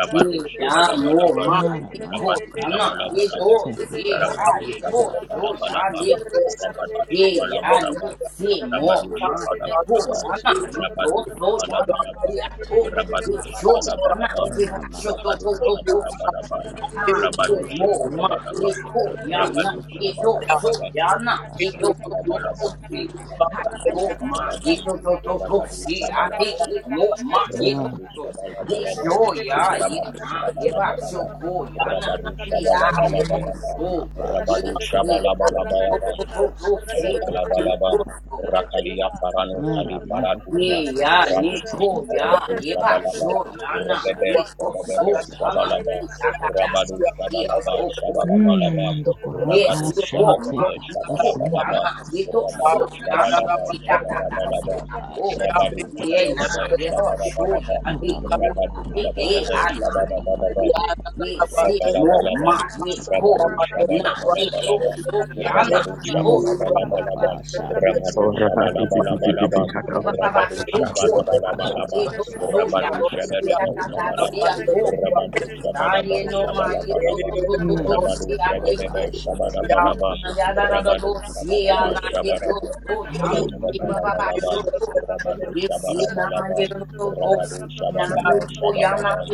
papa. Yira, mo, Shabalabalabam, ma, yeko, Haramando Rabadu ana, kurapa Shabalabalabam, yedo, shateka si, a, pasando Cast Rabadu yebo, kurapa sho, ya, Shabalabalabalabam, shateka pa yeko. pa pa all Rabadu pa Yira, ni, Shabalabalabam, si, mo, pa Rabadu pa ma, pa. Namando our yeko, kurapa cares Shabalabalabam, on ana, you. shateka pa Rabadu yedo, pa so, Cast pa ya, all pa pa na, our burdens pa Shabalabalabam, on pa pa pa yato, you. pa. Rabadu Shabalabalabam, yecho, Cast all our ana, worries yeba, and Namando Rabadu anxieties on you. kurapa shoto, Shabalabalabam, take a pass. Hallelujah. Haran, Rabadu good mo, ma, ye Shabalabalabam, ko, ya Hallelujah. na, Rabadu ye to, kurapa so, Shabalabalabam, ya shateka na, ye to, Able to to, pasateka do to, to, what Elokalabalabam, we pasando si. do, love Ha, Rabadu kurapa our mo, neighbor. ma, shateka pa ye Shabalabalabam, pa to, to, pa pa pa to, pa to, Rabadu pa pa si, pa. I te, Shabalabalabam, ki, mo, ma, ye to, Rabadu Rakata to. Ye Shabalabalaba, Namando sho, ya, kurapa ye Rabadu na, ye shateka ba, pa sho, Shabalabalaba, pa pa ko, pa. ya na, Rabadu ye ya, ye Shabalabalaba, bo, Namando so. Kurapa Rabadu Ye, ye, Shateka ya, Papa to, Shabalabalaba, to, to, Papa to, shall Take Shateka si, ya, Papa ye Papa Elakalabalaba, to, to. Papa Rakalia Paranu Kali Aramando Ye, Paratusha, Kurapa ya, ni, Ratusha Shateka ko, Papa ya, Parantu ye ba, Papa Shabalaba, sho, Leka ya na, Pasha Rebebe ye to, Teka Shababebe so, Pasha ya na, Teka Shabalaba, si, ta, Pasa ta, Rabadu Shabalaba ta. Shabalabalaba, Namando Yes, Kurapa Rabadu you go, Rakata ma, Shababebe Shateka you go, Pasando yana, Shabalabalaba, you Kosha do Rabadu so, Teka yana, Pasa Shabadaba you Teka da da Papa da, Shabalabalaba, da Papa do. Shateka Rabadu Papa shall take up Ye a na, Shababebe Papa ye do so, Shabalabalaba, yani Thank you. go, Aramando Rabadu ye de, Kurapa Shababebe ana, ye Shateka Papa go. Shabalabalaba, Papa Yeah. Ye Papa si mo, Shateka Shabalabalabam, ma, Papa ye Papa go, Rabadu Papa yana, Papa ye do Shabalabalabalabam, so, yana, Rabadu you do. Mande so. kurapa Shabalabalabalabam, shante Rabadu Or kapa pa pa Rahat pa is pa pa Ye pa Shabalabalabalabam, pa na, it pa. ye Rabadu so ko Namando yana, kurapa Shabalabalabalabam, you do so, shante Rabadu kapa yana, pa ye pa da Shabadaba pa da pa pa da, pa si Shabalabam, ya go. shante kapa Rabadu Ye pa pa pa da pa. Shabadaba ye no ma, you do Shabalabalabam, do do do do, si Namando Rabadu kurapa ya Shabadaba Rakata shante Yes, kapa pa Shabalabalabam, pa pa pa pa pa Rabadu pa pa Shabadaba pa pa. Shabarabam, Haramando Rabalabalabam, kurapa shante Rabadu kapa pa pa pa pa pa Shabalabalabam, pa pa. Rabadu Shabalaba Namando Shabalabam, kurapa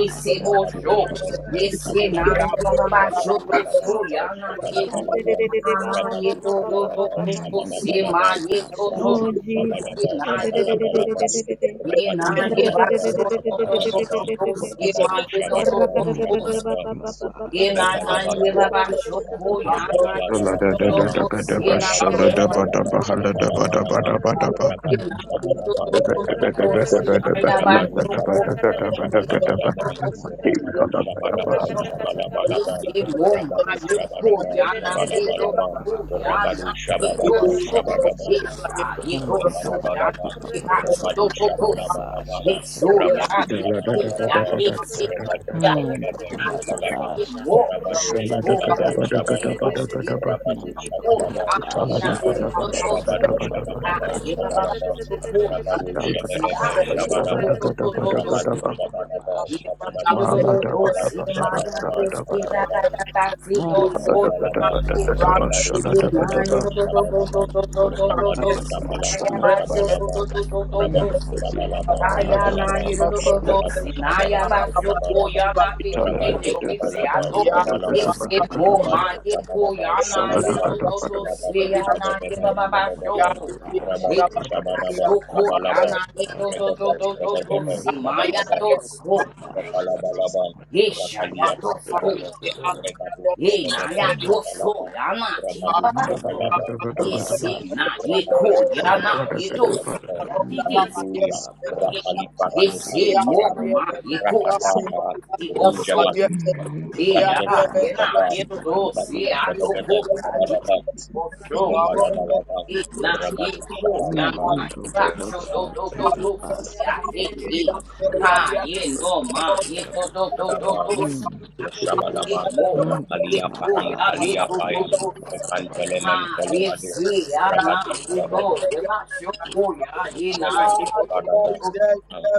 shante Rabadu kapa pa pa Shabalaba pa pa. Shabalabam, Haramando Rabadu kurapa shante Shabalaba kapa pa pa pa pa. Shabalabalabam, Rabadu Shabalaba Namando Shabalabalabam, Kurapa Oh Rabadu Sateka Papa Jesus. Shabalaba Papa Papa Papa Shabalabalabam, Rabadu Namando Shabalaba Kurapa Shabalabalabam, Sateka Papa Rabadu Papa Rakata Shabalaba Namando Shabalabalabam, Kurapa Ye na Sateka na ye Elebalabalaba, Papa ba Papa ba Papa shoko Rabadu ya Papa na ye to to to Shabalabalabalaba, Namando to ye na Kurapa ye Rabadu to to Sateka Shabalaba, to to Papa Papa Papa Shabalabalaba, Papa Thank you. ye Rabadu na ye to Shabalaba, to Namando to to Kurapa to Shabalabalaba, ye na ya Sateka ba Rabadu Papa Papa shoko ya Shabalaba, na ye to to Shabalabalaba, to Papa to Namando Rabadu Kurapa Shabalaba, to to Sateka Papa ye Shabalabalaba, se Papa mo Papa Rabadu ma ye ko Shabalaba, ya na ye to Namando Shabalabalaba, to ya Kurapa Rabadu na Sateka ye to Shabalaba, to Papa Shabadaba, ye sha Ah, take ye to shu up, up, ya up, Rabalabalabam, na up, up, ye up, ha shu up, up, Rabadu to up, to up, to up, up, ah, Shabalabalabam, ye sha, shu take up, up, Yes. Rabadu ya up, up, ye up, up. ke ya Shabalabalabam, ye se Rabadu ya ko Shabalaba Ando ya corra, ye pa, Shabalabam, pa, se mo Rabadu ha shu Shabalaba ya na ye Shabalabam, to Rabadu Oh Shabalaba yeah, you know, sha, Shabalabam, Thank you take know up, up, up, those. up, Rabadu up, up, up, Ah, up, up. Namando corra, pa, sha, take up, up, up, up, up, up, up, up, Shabalaba ah, you know pa, about sha, Shabalabam, so take up, cool. ah, Yeah, sa, Rabadu you ando corra, see, sha, Shabadaba ah, take. you know, so Shabalabam, so so so so. so, Rabadu Shalada Namando corra, Shabadaba pa, You sha, Rakata know, take you Shabalabam, know up, up, those up, those. Rabadu up, You up, up, up, know, up, you up, Shabadaba up, you up, see, ta ta Shabalabam, ta ta, see to you, those. oh So Aramando God. yeah, you corrapa shall Rado, make Rabadu us you at a know, Shabalaba you know time, the Coshati, up. Ora, mando corra, pa, sha, ande casa, ta, ta, those ando corra, those those sha, Shabalaba take up, those up, those up, those Rabadu Astaghfir, those. ando You corra, know, pa. yeah, Shabalaba but so so Shabalaba so so so so. Rabadu so, Namando Shabalaba Korapa Aya shall na Shabalaba take yiro up a do do papa Rabadu si papa na ya ba Shabalaba kyo Shabalaba ya na de de de Rabadu de de si ya Shabalaba to Namando Shabalaba si Korapa mo Rabadu ma shall ye take up ko a Shabalaba ya na yiro papa Shabalaba do Shalada si Rabadu ya Renda, na ye Shabadaba ba ba ba Namando Shabadaba shoko. ko Korapa ye shall Rabadu take up ka a Rakata Shabadaba papa ya Shabalaba na ye do do do Regado do do do Rakata Shabadaba si ma ya Shabadaba to Nanamasando so Korapa shall take up Rakalabalaba, a ye sha ya papa Rakalia to so Pamparano, Regadu ye na Shabadebe the ya to you. so Shabalaba, ya na ki ba Rabadu ba ba shoko. Shabalaba Namando ye Shabalaba, Korapa si shall na ye take up ko Rabadi a ya sete na Shabadebe ye to so Shabadebe, ya de de Namando Bamburia, Korapa Rakali shall take Parano up a papa papa Ese Kali Parano, moma iko ya Ratatata, Ruja ibosho Maruja, Namando te ya Rasheva Korapa yena shall Rudaba, take yendo up a se Rikadu papa ya toko Shabadebe ya Shabadaba, ibosho Elekalabalaba, ina Rabadu iko ya ma Shabalaba, Mando iba sho to kosha to to tika to si ya pasa tika teki pasa ha mando ye kosha no te. ma ye to to to to Adaba, to si Mm. ya teki Shabalaba, Thank you. moma Rakata Mando Rakalia iko ya Rakata kata ni Paranukalia to to Payam, to pa pa pa pa pa ha pa pa Rekantelemen pa ye pa pa. Telemadim, si ya na Rabadu ye to Sede, ye ba sho ko ya ye na Rebel ye to Shabadaba, to and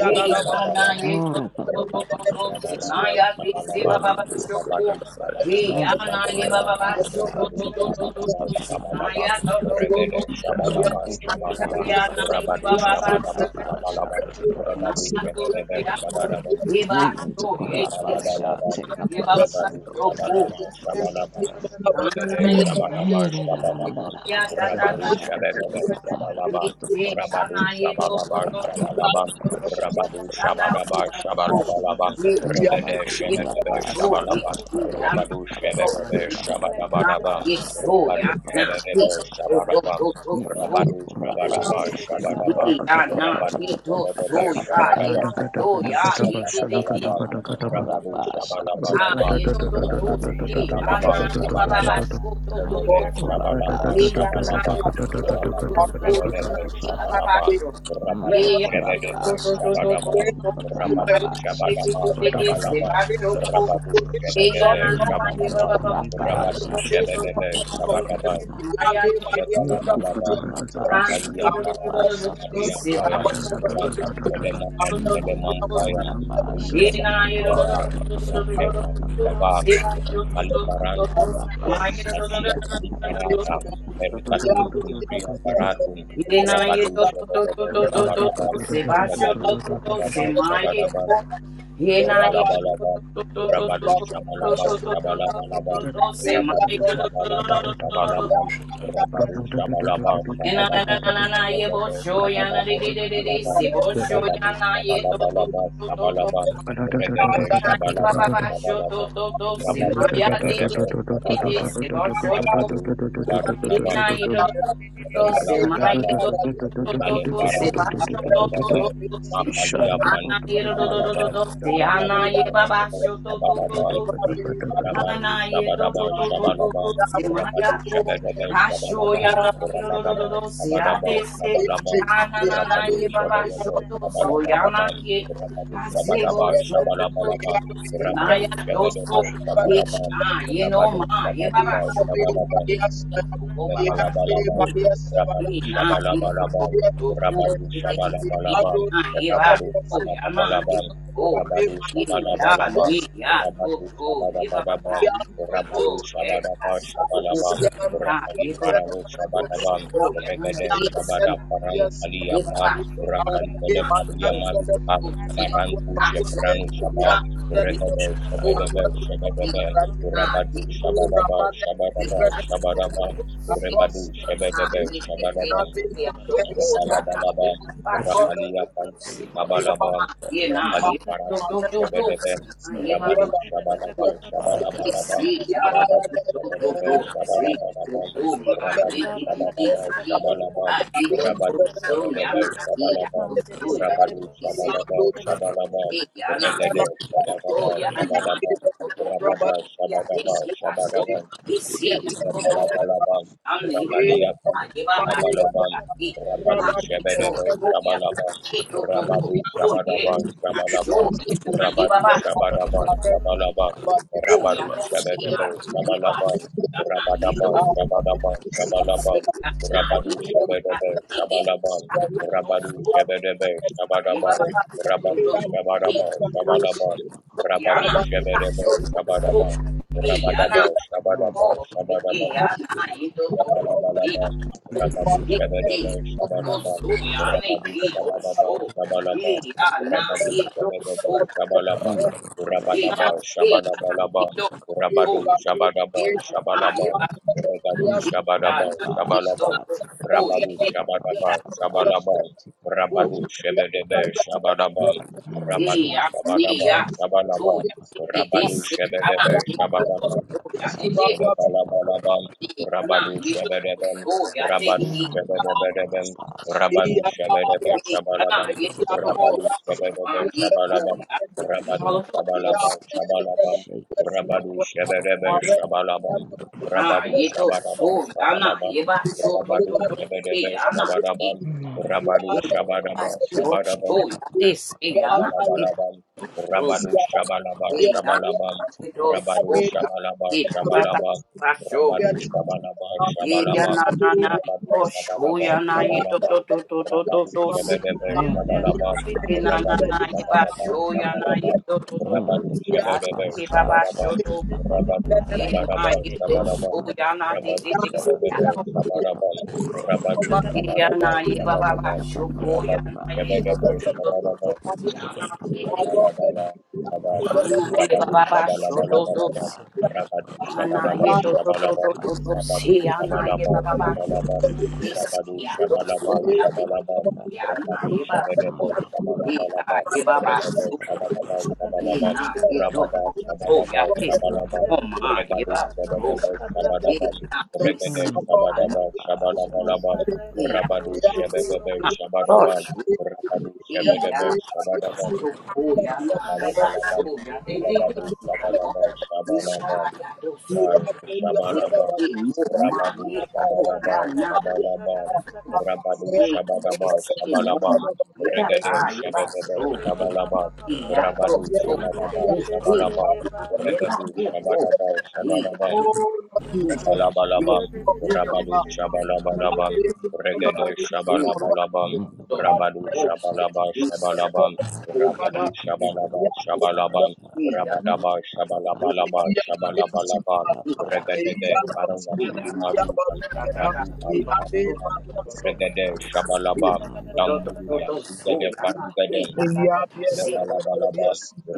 Ye ana Rapalabalaba, ye to Ora pa pa to to pa pa Rabadu to pa to si na Shabalaba, ya pa ti pa si pa ba pa Shabalaban, ba ba pa pa. Rabadu shoko. Shabalaba, Ye Mando ana ye ba kora Shabalaban, ba ba shoko pasa Rabadu to to tika to pa to pa Thank pa Shabalaba, to you. pa si pa pa na pa. Shabalaban, ya to to to to. Regede Ah, Shabalaba, Tika pa Cha pa pa Shabalaban, ya pa na pa ye pa Rabadu pa ba pa ba ba pa. Ra Shabadaba, shoko to kata pasa Shabalaban, tika si pa na pa Rabadu pa ya pa to Shebe, pa kata si pa. ya to. kata Rebel Ye ba Namando to ye kora ti Raka si pasa Shabalabalaba, na tika ye ba ba ba pasa Rabadu shoko. Shabalaba, Shabalaba, Ana Regede ye Shabalaba, Namando si Shabalaba, ya ta ta Rabadu ta. Rakata Shabadaba, Shabalaba, Yeshe, Rabadu anaye to, to, Shabalaba, to, to, Shabalaba, to, to, Rabadu Tata Shabadaba, suba to, Shabalabalaba, Yelo, Yeah. Regede ye Shabadaba, corrapasa, to, ye Shabalaba, take ye anaye Rabadu to, Shabadaba, ye na Shabadabadaba, ye to, ya Rabadu na ye Shabadaba, to, to, to, Shabadaba, to, to, to. Rabadu Shabadaba, Shabadaba, Ye ya na Rabadu ye to, Shabadaba, to, ya ye Shabadaba, to, ya Thank Ladakatakatakataba, ye ye ye ye. Rakababalaban, shalakatakatakataba, Rabadu Ah, Shabalabalaban, ye to, to, to, Rabadu ye Shabalabar a anaye ba ba ba Shabalaban, ratatatatatatatatatatatatatatatatatatatata, to, to, to, Rebebe Namando to, Korapa, Shabalabar Maya Shatika, Shabalaban, Rabadu Shebebe ratatatatatatatatatatatatatatatatatatatata, Shabalaban, Rabadu Shebebe you. Shabalaban, Thank Rabadu Shabalabar Ricardo patakataba, Shabalaban, Rabadu Shebebe Shabalaban, Rama Rabadu ratatatatatatatatatatata, Shata Shebebe Shabalaban, Telekalakalabal, Rakalia Rakata Parano Samadia Payan, upadatatatatatatata, Rakan ratatatatatatatata, Telemakan Telemampayan, Rujaba Rujaba, tantamtatatatatatatatata, Rakel you. Rujaba, Rukali Parantum, Meritatia Kaliparata, Meritatum Tumbria tatatatatatatatatata, Paratum, Yena ye Rabadu to to to Shabadaba to to to Shabadaba, to se basho to Rabadu to to se ratatatatatatatatatatata. ma ye Shabadaba ko. Yena ye Rabba to to Ekalabalabam, to Yes, to to Rabadu Lord. to to Shabalabam, to to to to to to to Shabalabalabam, We to are the se ready ma the ye Rabadu to go. to to to to Shabalabam, to Thank to We to. Sabalabam, are the Ishanda Rabadu best in Shabalabam, Yena na na Shabalabam, na na na ye Rabadu bosho yana de Shabalabam, de de de de Sabalabam, se Shata Shata bosho Rabadu yana ye to to to Shabalabalabam, to to to. Sabalabam, the Regede world. not Ana ye ba ba Shabalabam, you. ba sho to Sabalabam, to Terima to se that Rabadu ma ya de de Shabedebam, de de best. de Sabalabam, se bosho Rabadu Hana Barabam, na yero do do do do Lekala Balaba, Ukale se Farantu, Shabadaban, Mapalia Pantu, Kabalaban, Rabadu Shabadaban, Sabalaban, Rabadu Shabadaban, Shabalaban, Rabadu Shabadaban, Shabalaban, kasih. Rabadaban, a de Sabadaban, se Sabalaban, ana na na Rabadu ye baba Shabadaban, shoto Thank you. Sabadaban, soyana Rabadu Placebo Sabadaban, Shabalabalaban, Rabadu Sinaya Shabadaban, Doso Sabadaban, Yesha Rabadu Yenoma Yebaba Sabadaban, Shoko Sabadaban, Yesoko Baba Elekalabalabam, Shoko Rabadu Ina Yesoko Shabalabalabam, Doku Rabadu Shabalabalabam, Ina Yeba Rabadu Rakata Shoko Yama Shabalabalabam, Yesoko Rabadu Ya Shabalabalabam, Ni Yes. Ya Rabadu Toto Yebaba Shabalabalabam, ta Ni Across Rabadu Toto Yes Shabadaba Asu Shabalabam, Ah Rakali Yeto Paranu Toto Shabadabam, Toto Yama Regade Shabada Paranu yeah, Kaliyapam, Rakan Pele Kaliyamarupam, Marantu Shepranu Shabam, Regade Shabadebe Shabadebe, Rabadu Shabadaba Shabadaba Shabadaba, Urebadu, Shebedebe, Shabadabam, Thank you. Rakalabalabam, Rakalia Pantu Kabalabam, the Rakali Parantu Shebedebem, Rabadu Shabalabam, Shabalabalabam, Rabadu Shebedebe, Shabalabalabam, Rabadu Shabadabam, Shabalabam, Rabadu Shebedebe, Shabalabam, Rabadu Shabadabam, Shabalabam, Hey, yana, Regede toto, Shabadabam, yana, Shabalabam, toto, toto, Rabada Robert, ya, de, Shabadabam, ki, aso, Shabalabam, isi, toto, Kalapalabalaban, ani, o, Rabaliakan, aye, baba, Abalaban, aki, Rabbi, Rabadu aki, Shebedebe, toto, yana, Sabalaban, ki, toto, Rabadu toto, ye, Shabadaba, aso, Sabalaban, ne, aye, Rabadu baba, Shabadaba, Sabalaban, o, Shata ya, Rabadu de, si, ana, Shebedebe, ye, ba, Sabalaban, aso, yana, ye, Rabadaba, do, Shabadaba, isi, Sabalaban, yana, Rabadu ye, o, ya, Shebedebe, de, Sabalaban, Rabadu de, Shebedebe, Yeah, Sabalaban, Rabadu Shabadaba, Shall Sabalaban, Rabadu Shebedebe, Sabalaban, Rabadaba, Shabadaba, Shabadaba, Rabalabalaba, Rabadu Shabadaba, Shabalaba, Rabadu Shabadaba, Shabalaba, Rabadu Shabadaba, Shabalaba, Rabadaba, Thank Shabalabalaba, you. Rabadu Shabadaba, Shabalaba, Regadu Shabadaba, Shabalaba, take Rabadu Shabadaba, Shabalaba, Rabadu Shabadaba, Shabalaba, Ei, Rabadu a, Shabadaba, ne, a, Shabalaba, to, ya, te, a te, te, Rabadu se, a, na, Shabadaba, ne, Be shaking a, to, Shabalaba, to, like ya, te, Thank that. te, Elebalabalabam, you. se, a, na, Rabadu ye, to, to, Shabadabam, to, ya, te, Yes, Rabadu ki, Mando Shabadabadabam, corapa shall Rabadu take a pa pa Shabadabam pa e, pa a, pa na, Shabalabam, ye, to, to, to, Rabadu se, a, Shabadabam ye, to, ya, Shabalabam, na, ye, Rabadu to, to, to, Shabalabam se, Shabalabam, Rabadu Shabadabam Shabalabam, a, Rabadu ye, to, Shabadabam so, ya, na, Shabalabam, ye, we ba, so, to, Rabadu to, to, se, Shabadabam a, na, ye, Shabalabam, Rabadu e, a, Shabadabam si, bo, Shabalabam, so, ya, te, se, pa a, na, ye, to, pa pa. Rabalabalabam, to, se, a, na, ye, to, so, Rabadu Mando Shabalabam, corapa Shabalabam, shall take a pa pa pa pa pa pa pa pa Rabadu pa. ya, Shabalabam, ye, ta, ta, ta, Shabalabam, ta so Rabadu Shabalabam, Ye ya Shabalabam, na na na ye Rabadu bo sho ya Shabalabam, na ye to to Shabalabam, to to to to Rabadu to se. Shebedebe, And Mando there shall Shabalabam, be Ye corapa na shall na take Rabadu na a pa pa pa. Mando corapa shall take a deliverance. ye pa ba pa pa Shabalabam, pa sho pa ya na ye Shabalabam, to to to Ah, to Rabadu si. take up Ya a ti Shebedebe, ti ba ba parapa sho shall Shabalabam, take to. up a Rabadu papa Ye papa. Yeah, na Shabalabam, ye to Shabalabam, sho Aramanda ya na Kora te te Rabadu te se. Masha Ya take Shebedebe, to up a papa ko. Shabalabam, papa papa Rabadu papa. Ye ya Shabalabam, na ye ba Ah, Rakata ba take ba Shabalabam, up sho a ko ya Rabadu na parapa ye to Shebedebe, shall to to take to up to a Shabalabam, to papa se. papa Ya na papa ti. papa. Rabadu Namanda Ha na Kora ye ba Shabalabalaba, ba ba Pasha sho take to up to a se. panda papa Rabadu Ha na parapa Shabalaba ye to shall to take to up Shabalaba, to a to to sando. Rabadu se. Ya na ye ba Shabalaba ba ba sho. Shabalaba, Namanda Kosha Is Rabadu take ya up to a show Shabalaba ya papa that Shabalaba, parapa. ya na Rabadu eva show. Shabadaba Manda He Kora na Shabalabalaba, Manda eva ba Regado show. Papa Papa Shabadaba We He Shabalaba, na eva Rabada show. Oh ya Shabadaba that Papa. Shabalaba, oh ma Regado eva show. Shabadaba He Shabadaba, na is Regade Mm, the ya na Shabadaba Kurapa Shatika Shabalabalaba, Papa surrender, ya Papa Rabadu Lord Papa God, Papa Shabadaba na Loko, eva Shabadaba, show. Rabadu He Shabadaba ya ya Shabadaba, to show ya na eva Bakata, Rabalabalabal, show ya that Yende, that Rabadu ya Baba, no. Shabalabal, Rata, Is Shabalabal, ya to show Bar he Shabalabal, he oh ma Rabadu eva Shabalabal, Rakata, na. Dosha, Shabalabal, Rakata, Rabadu Yes, Kata, Shabalabal, yes, ye, no, Shabalabal, ma, ye, da, Regade ba, ye, ba, Shabadabal, so, Dede, Thank you. Baba, Baba, Shabalabal, ye, ya, Baba, do, Rabadu so, Munde, ya, De, Shabadabal, De, ye, De, De, si, no, De, Shabalabal, De, ma, ye, ba, Regadu ye, wo, Shabadabal, ye, ya, Shabalabal, Oh, do, Lord do, Jesus, Baba, ye, Shata. we Rabalabalabam, Dede, love ye, you, do, Mama. Rabadu We love ya, Shabalabalabam, ye, you, Mama, ye, ya, Regede but ye, this is ya, our Lord. na, Shabalabalabam, ye, Mm, the We do, do, are Rabadu wo, Kurapa Shabalaba grateful, Shatika ye, Mama, Papa ya, we Shabalabam, love Papa. you, wo, ya, Mama. na, Rabadu ye, Mm, do, the Shabalaba We do, Kurapa Shabalabam, ye, ya, Shatika Rabadaba Papa Papa do, ya, Papa. ye, Shabalabalaba Mm, the Shabalabalabam, ya, Kurapa Regedege Shatika Papa Paranga do, wo, Papa ya, na, Papa. Shudimaruham, ta, ta, Mm, ta, Maru the ye, Ali are ba, grateful, Paruham, Kushatika so, Mama. Papa do, do, do, Regede Papa. ye, Shabalabam, do, Mm, the do, do, do, Lamburia, Kapasha, so, Regede ya, the na, Parugedem, ye, Thank ta, ta, ta, ta, si, Elebalabalaba,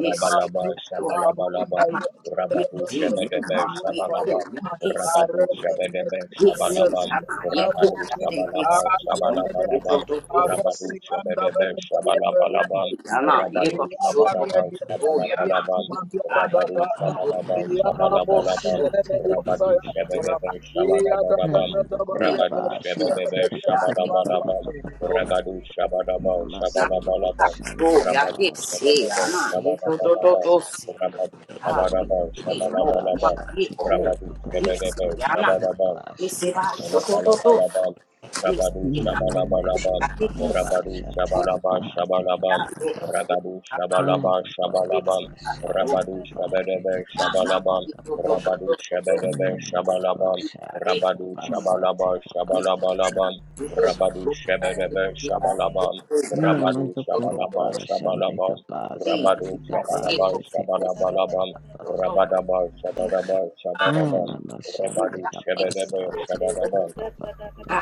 Esse Shabalabalaba, ama, Rabadu esse Shebedebe, ama, e Shabalaba, cura, esse Rabadu ama, Shebedebe, esse Shabalaba, ama, e Rabadu cura, tem Dede, esse Shabalaba, ama, e Dede, do Shabalabalaba, do do, Rabadu Shebedebe, Shabalabalaba, ama, e do Rabadu do do, Shabadaba, Kurapa. cura, ama, Shabalabalaba, e ai, e Rabadu da do, Shabadaba, the Kurapa Shabalabalaba, Shatika Papa Rabadu Papa e Papa. da Shebedebe, do, Shabadabadaba, Mm, the e Rabadu Kurapa e Shebedebe, cura, Shatika Papa e Papa Shabadabalaba, He's Papa da able, do, Papa. Rabadu Shabadaba, Namasando Ah, Shabalabalaba, Koshande oh, ya Rabadu que Kapate sí, Shabadaba ya, na. Kapasha y to to to Shabadabadaba to Tikapasate sí. Rabadu Ah, Shabaraba Namando y sí, mo, Shabalabalaba ma, Korabasha y co, Rabadu y sí, Shabadaba ya, na. Shabadaba y Tikapapapapapapapasha se va, to to to to, Tikapasandoko Elakalabalabal, y Rabadu sí, na, Namande co, Shabalabalabal, ya que sí, sí, Rabadu Kapaparapasha oh, Shabalabal Tikapa Shabalabal, ya, Tikapapapa oh, Rabadu oh, na. Shabalabal Adoko y que sí, Shabalabal, ah, Nanamasha oh, Rabadu Tikapa Shabedebe ya, na, Shabalabal, y to Tikapapapapapa to to to Rabadu to to, Shabedebe Namando Shabalabal, sí, ya Kosha que, Rabadu Tikapasa mo, Shabalabal y Tikapasa Shabalabalabal, na, y to, Rabadu oh, ya que sí, Shabedebe ya, Shabalabal, to to ya, Rabadu Namando na, Shabalabal Kurapa Shabalabal, Shandeka Ah, ye Pasa Rabadu Tika Shabalabal Pasha Teka Shabalabalabal, Satika Pasanda. Rabadabal Shabadabal Shabadabal, Anama Rebadu Shandeka Shebedebe Pasa Tika Shabadaba, Papa Papa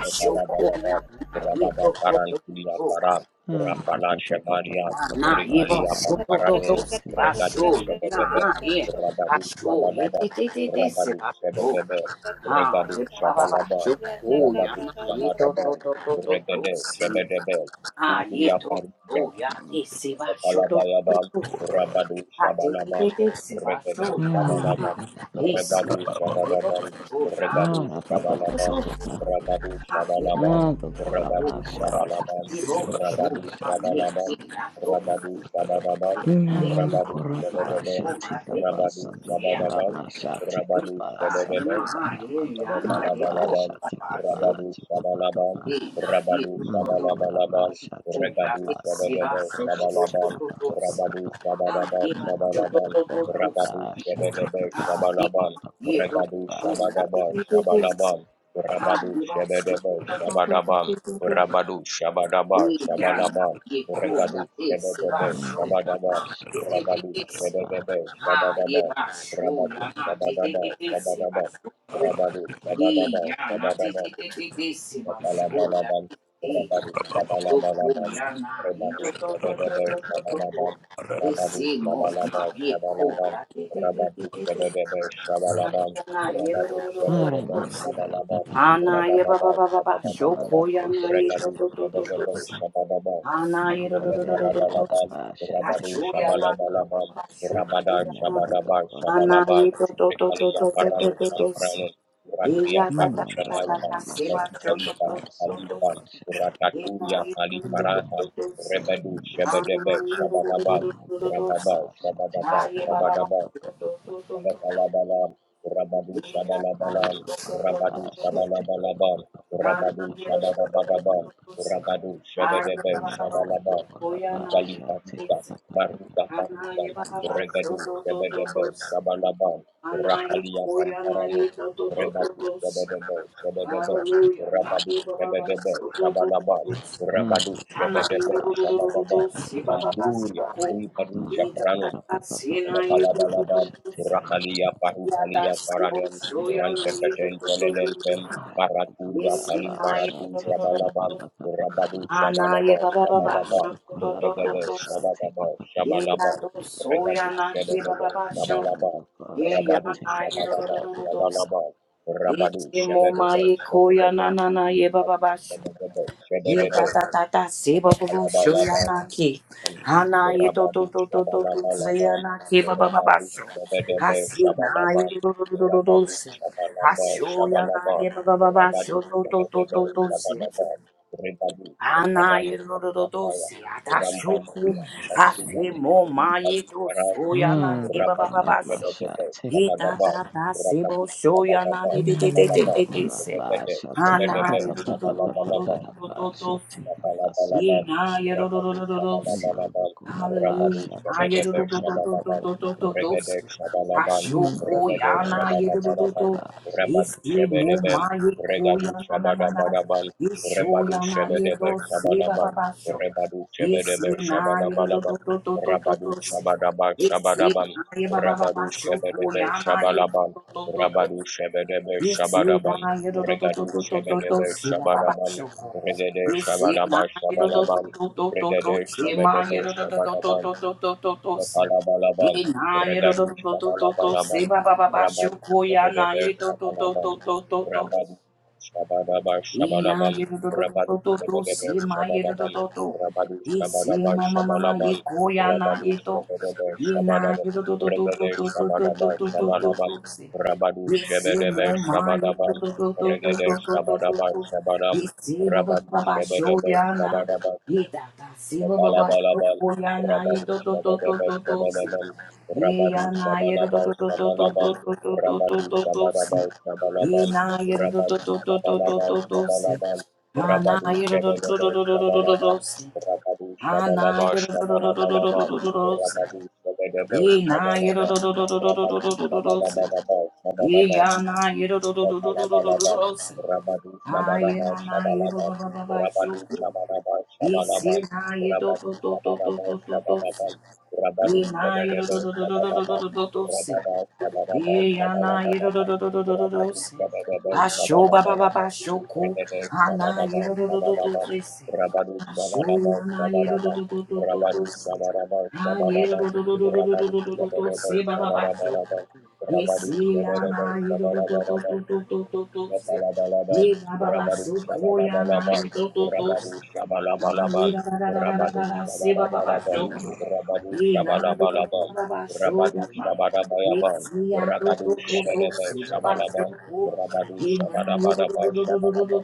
Rekalabalaba, Papa. Rababa Parantulia Para, Rapala Teka Papa Papa Shebadia, Papa Papa Rikalia Papa Pamparani, Pasha Tika Regadu Papa. Shebedebe, Rabadu Shabalaba, Rabadu Shebedebe, Regadu Shabalaba, Rabadu Shabadaba, Regade Shebedebe, Uria to, Parida, to, ya, esse, ba, Kabalabayaban, shoto, Rabadu Shabalaban, Regede Shabalaban, Teka Papa Papa Rebadu Shata Papa Shabalaban, Regadu Papa Papa Shabalaban, Papa Papa. Rabadu Shabalaban, Ando Rabadu Kuramasha Shata Teka Shabalaban, Sanda Rabadu Pasha Tika Shabalaban, Sata. Rabadu Shabalaban, Namando Rabadu koraba Shabalaban, shati kapa Rabadu sando korama Shabalaban, shati Rabadu kapa sande Shabalaban, karamando koraba Shabalabalabam, shati kapa Rabadu tika papa pa Shabalabam, Rabadu mando korama Shabalabalabam, shati Regadu kapa sando Shabedebe koshe tika Shabalabam, papa papa Rabadu pa Shabadaba namando Shabalabam, Rabadu koraba shati Shabedebe kapa Ah, papa yeah, Shabalabam, papa yeah, papa do, Regadu do, papa la, di, Shabadaba di, shati di, di. Shabalabam, Ah, Rabadu di, ba, su, Shabedebe do, do, do, Shabadabam, do, do, do, do. Rabadu Shabadaba Di, ya, na, Shabalabam, ye, ko, ya, Regadu e, se, ba, Shabedebe su, ande ya, kapa Shabadabam, na, di, shande di, di, Rabadu di, kapa se. papa Shabedebe Ah, ye, Shabadabam, ba, su, Rabadu ya, na, di, di, Shabadaba di, di, se, ba, Shabadabam, su, oh. Rabadu Di, Shabadaba ya, na, di, Shabadaba di, di, di, di, se, ba, su, ya, Rabalabalaban di, di. Rabadu Ah, do, ko, Shabalabalaban ya, na, ye, do, yeah, nah, yeah, Rabadu do, do, do, Shabadaba do, do, do, do. Shabalaban Di, Rabadu se, mo, ma, Shabalaba ye, ko, Shabalaban ya, di, di, di, di, Rabadu di, Shabadaba Shabalaban Ana ye ro ro Rabadu ro ro ro ro Shabadaba haramanda si. karapa Shabalaban papa Ana pa ye ba ba Rabadaba ba ba ba. Shoko namando Shabadabadaba ya na koshe ye to Regadu tika to to papa to to Shabadaba si. papa Shabadaba Ana ye ro ro ro ro ro ro ro Shabalabalabam, si. Rabadu Asho ya na Namandaraparashatikapapapa. ba ba Shabalabalabam, ba. Shoko Rabada ya na. Shabadabam, Ana Shabalabam, ye to to to to Rekalia to to to Parano to to si. Namandokoonamashatikapapapapapapa. Shamprano, E ya Rakia ta ta Paru ta ta Shamanta, ta se ba to to Mahikalita to to to to Kalipan, si. Namandokoonamashatikapasandokooshate. E na Rataturia ye to to to Mm, to Kaliparatan, to si. Rebedu mm, Ana Shebedebe ye ro ro ro Shabadabam, ro ah, ro ro ro si. Rababa Shabadaba Aye ba ba ba. Shabadaba To to tikapashatikapapapapapapa. to to to to. Shabalabalabam, Rabadu Ah, Shabalabalam, Rabadu Shabalabalabam, Rabadu Shabalabalabam, lokorapashatikapapapapapapapapapapa. Rabadu Shebedebe Shabalabam, Rukali Paruka, Namandokorapashatikapapapapapapa. Maruka Parukan, Regadu Shebedebe Shabalabam, Rakalia Pamparanu, Rebadu Hallelujah. Shebedebe Shebedebe, Rabadu Shebedebe Shabalabam, Ah, Rabadu Shebedebe Shabalabam, lokorapashatikapapapa. Tambuya, Riparusha Take a Pranu, pa pa pa pa pa pa pa pa pa. Elakalabalabam, Rakalia Parupalia Paradem, Rantefetel Pelelelpem, ye Paraturia Kali Paratu Shabalabam, Rabadu na ye Shabalaba baba baba Shabalaba, shoto to to Regade Shabadaba Shabalabam, Regadu Shebebebe Shabalaba, Rabadu Shabadaba Shabalaba, Rabadu Shebebebe Shebebebe, Shebebebe Shebebebe, Rabadu Shabalabalabam, Rabadu Sabedebe Shabalabam, Rabadu Shabalaba Shabalabam, Rabadu Sabedebe to to se. Shabalabam, Rebadu Shaparani Kalilataya, Anairododosi adashuku Rambambula Shandula, afimo Rumpali mayeto Karam, soyana Rabadu debababasho. Sabedebe Ita Shabalabam, tata sebo Rabadu soyana Sabadaba de de de de de Shabalabam, de de se. Rebede Shabedebe Shabalabalabam, Shall take a pa Ye Rabalabalabam, sando. na ye do do do Rabadu do do do. Mother Shabalabalabam, Koraba Hallelujah. Rabadu shall Na take ye a do Shabedebe do do papa do papa do Shabalabam, do papa do do do papa. do. Regade Shabalabam, Mother ya Regade God na ye shall do do take do a Shabalabalabam, pass, take Rabadu a Isi mo ma Shebedebem, ye ko Regadu ya na na na na. Shabalabalabam, Isho Rebadu ya na ye do Shebedebe si ba ba Shabalabam, ba sho. Rebadu Isi Shebedebe na ye do do do Shabalabalabam, do do do do Rabadu si. Shabadaba Isi Shabadabam, na ye ba ba ba ba Rabadu sho ko Shebedebe ya na ye do Shabalabam, do do do do. Rabadu Shebedebe Yes, Shabadabam, Regadu Shebedebe Shabadabam, Regede Shabalabash Shabalaban. Regede Shabedebe Shabalaban. რაბალაბალაბალ ვრდანი შაბალაბალაბალ რაბანი შებელebe შაბალაბალ რაბანი შაბადაბა Ina შაბალაბალ ye do do do რაბანი do do do შებელebe si ma ye do do შაბადაბალ do do რაბანი e si შაბადაბა ma ma ma ma ye შაბალაბალ ko ya na რაბანი ye to შებელebe ye na შაბადაბალ ye do do do do do რეგედე do do do do შაბადაბა do do do do შაბალაბალ si რაბანი ye si შებელebe mo ma ye do შაბადაბალ do do do do რეგედე do do do do შაბადაბა do შაბალაბალ ye si bo ba რაბანი ba ba sho შებელebe ya na შაბადაბალ ye da da si bo ba ba sho Balabalabal, ko ya na ye Rabadu do do do do Shabadabal, do do si Shabalabal, ye ya Rabadu na ye do do Shabalabal, do do do Shabalabal, do do do do do do Rabadu do do si Shabalabal, E Shabalabal, na yero do do Rabadu do do do do Shabalabal, do do si. Shabalabal, Ah na Rabadu yero do do do Shabadabal, do do do do do Shabalabal, do si. Rabadu Ah na Shabalabal, yero do do do do do do do do Shabalabalabal, do do si. Rabadu Shabadabal, E na yero Shabalabal, do do do do do do do do Rabadu do do do si. Shabadabal, E Shabalabal, ya na yero do do do do do do do Shabalabalaba, do do si. Rabadu Ah ye Shabaraba na na yero Shabalaba, ba ba ba ba Rabadu shuku. Shabaraba E Shabalaba, si na ye do Rabadu do do do do Shabaraba do do do si. Shabalaba, E Rabadu na yero Shabaraba do do do do do do Shabalaba, do do do do si. Rabada Shabaraba Yana Shabalabalaba, Rabadu yidodododododose. Shabaraba Asho baba Shabalabalaba, baba shoko. Rebede Ana Shabaraba Shabalaba, yidododododose. Rabadu Asho Shabaraba yana Shabaraba, Rabadu yidododododose. Shabaraba Ah Shabalaba, Thank you. Rabadu Shabaraba yidodododododose baba baba shoko. Shabarabaraba, Rabadu Yesi Shabaraba yana Shabarabaraba, yidododododose. Shabalabalabal, Ye baba baba Rabadu shoko yana Shabalabalabal, Yedodododos. Rabadu Shabalabalabal, Rabadu Hallelujah. Shabalabalabal, Rabadu Shabalabalabal, Rabadu Shabalabalabal, Rabadu Shabalabalabal, Shabalaban, Rabadu Shabalabalabal, Shabalaban,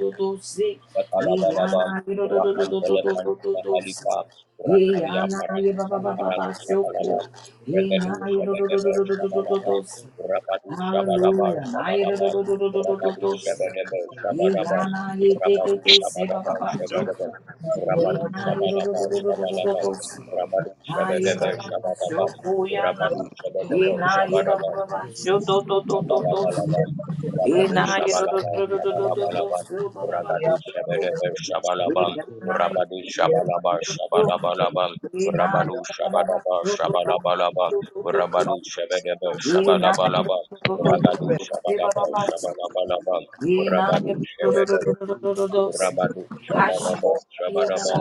Kalabalaban, Rakan Pelefan Mahalipa, Rakalia Paran Samparan Shabalaban, Regadu Shabadabar Shabalaban, Rabadu Shabadabar Shabalaban, Rabadu Shabadabar Shabalaban, Rabadu Shabadabar Shabalaban, Ye Rabadu Shabadabar Shabalaban, Rabadu you. Shabadabar Shabalaban, Rabadu na Shabadabar Shabalaban, ლაბალაბალაბამ რაბადუ შაბალაბა Thank you. შაბალაბალაბამ რაბადუ შაბედებ შაბალაბამ რაბადუ შაბალაბა შაბალაბალაბამ რაბადუ შაბადაბა შაბალაბალაბამ რაბადუ შაბედებ შაბალაბალაბამ Thank რაბადუ you. შაბალაბა შაბალაბალაბამ რაბადუ შაბედებ რაბადუ შაბადაბა შაბადაბა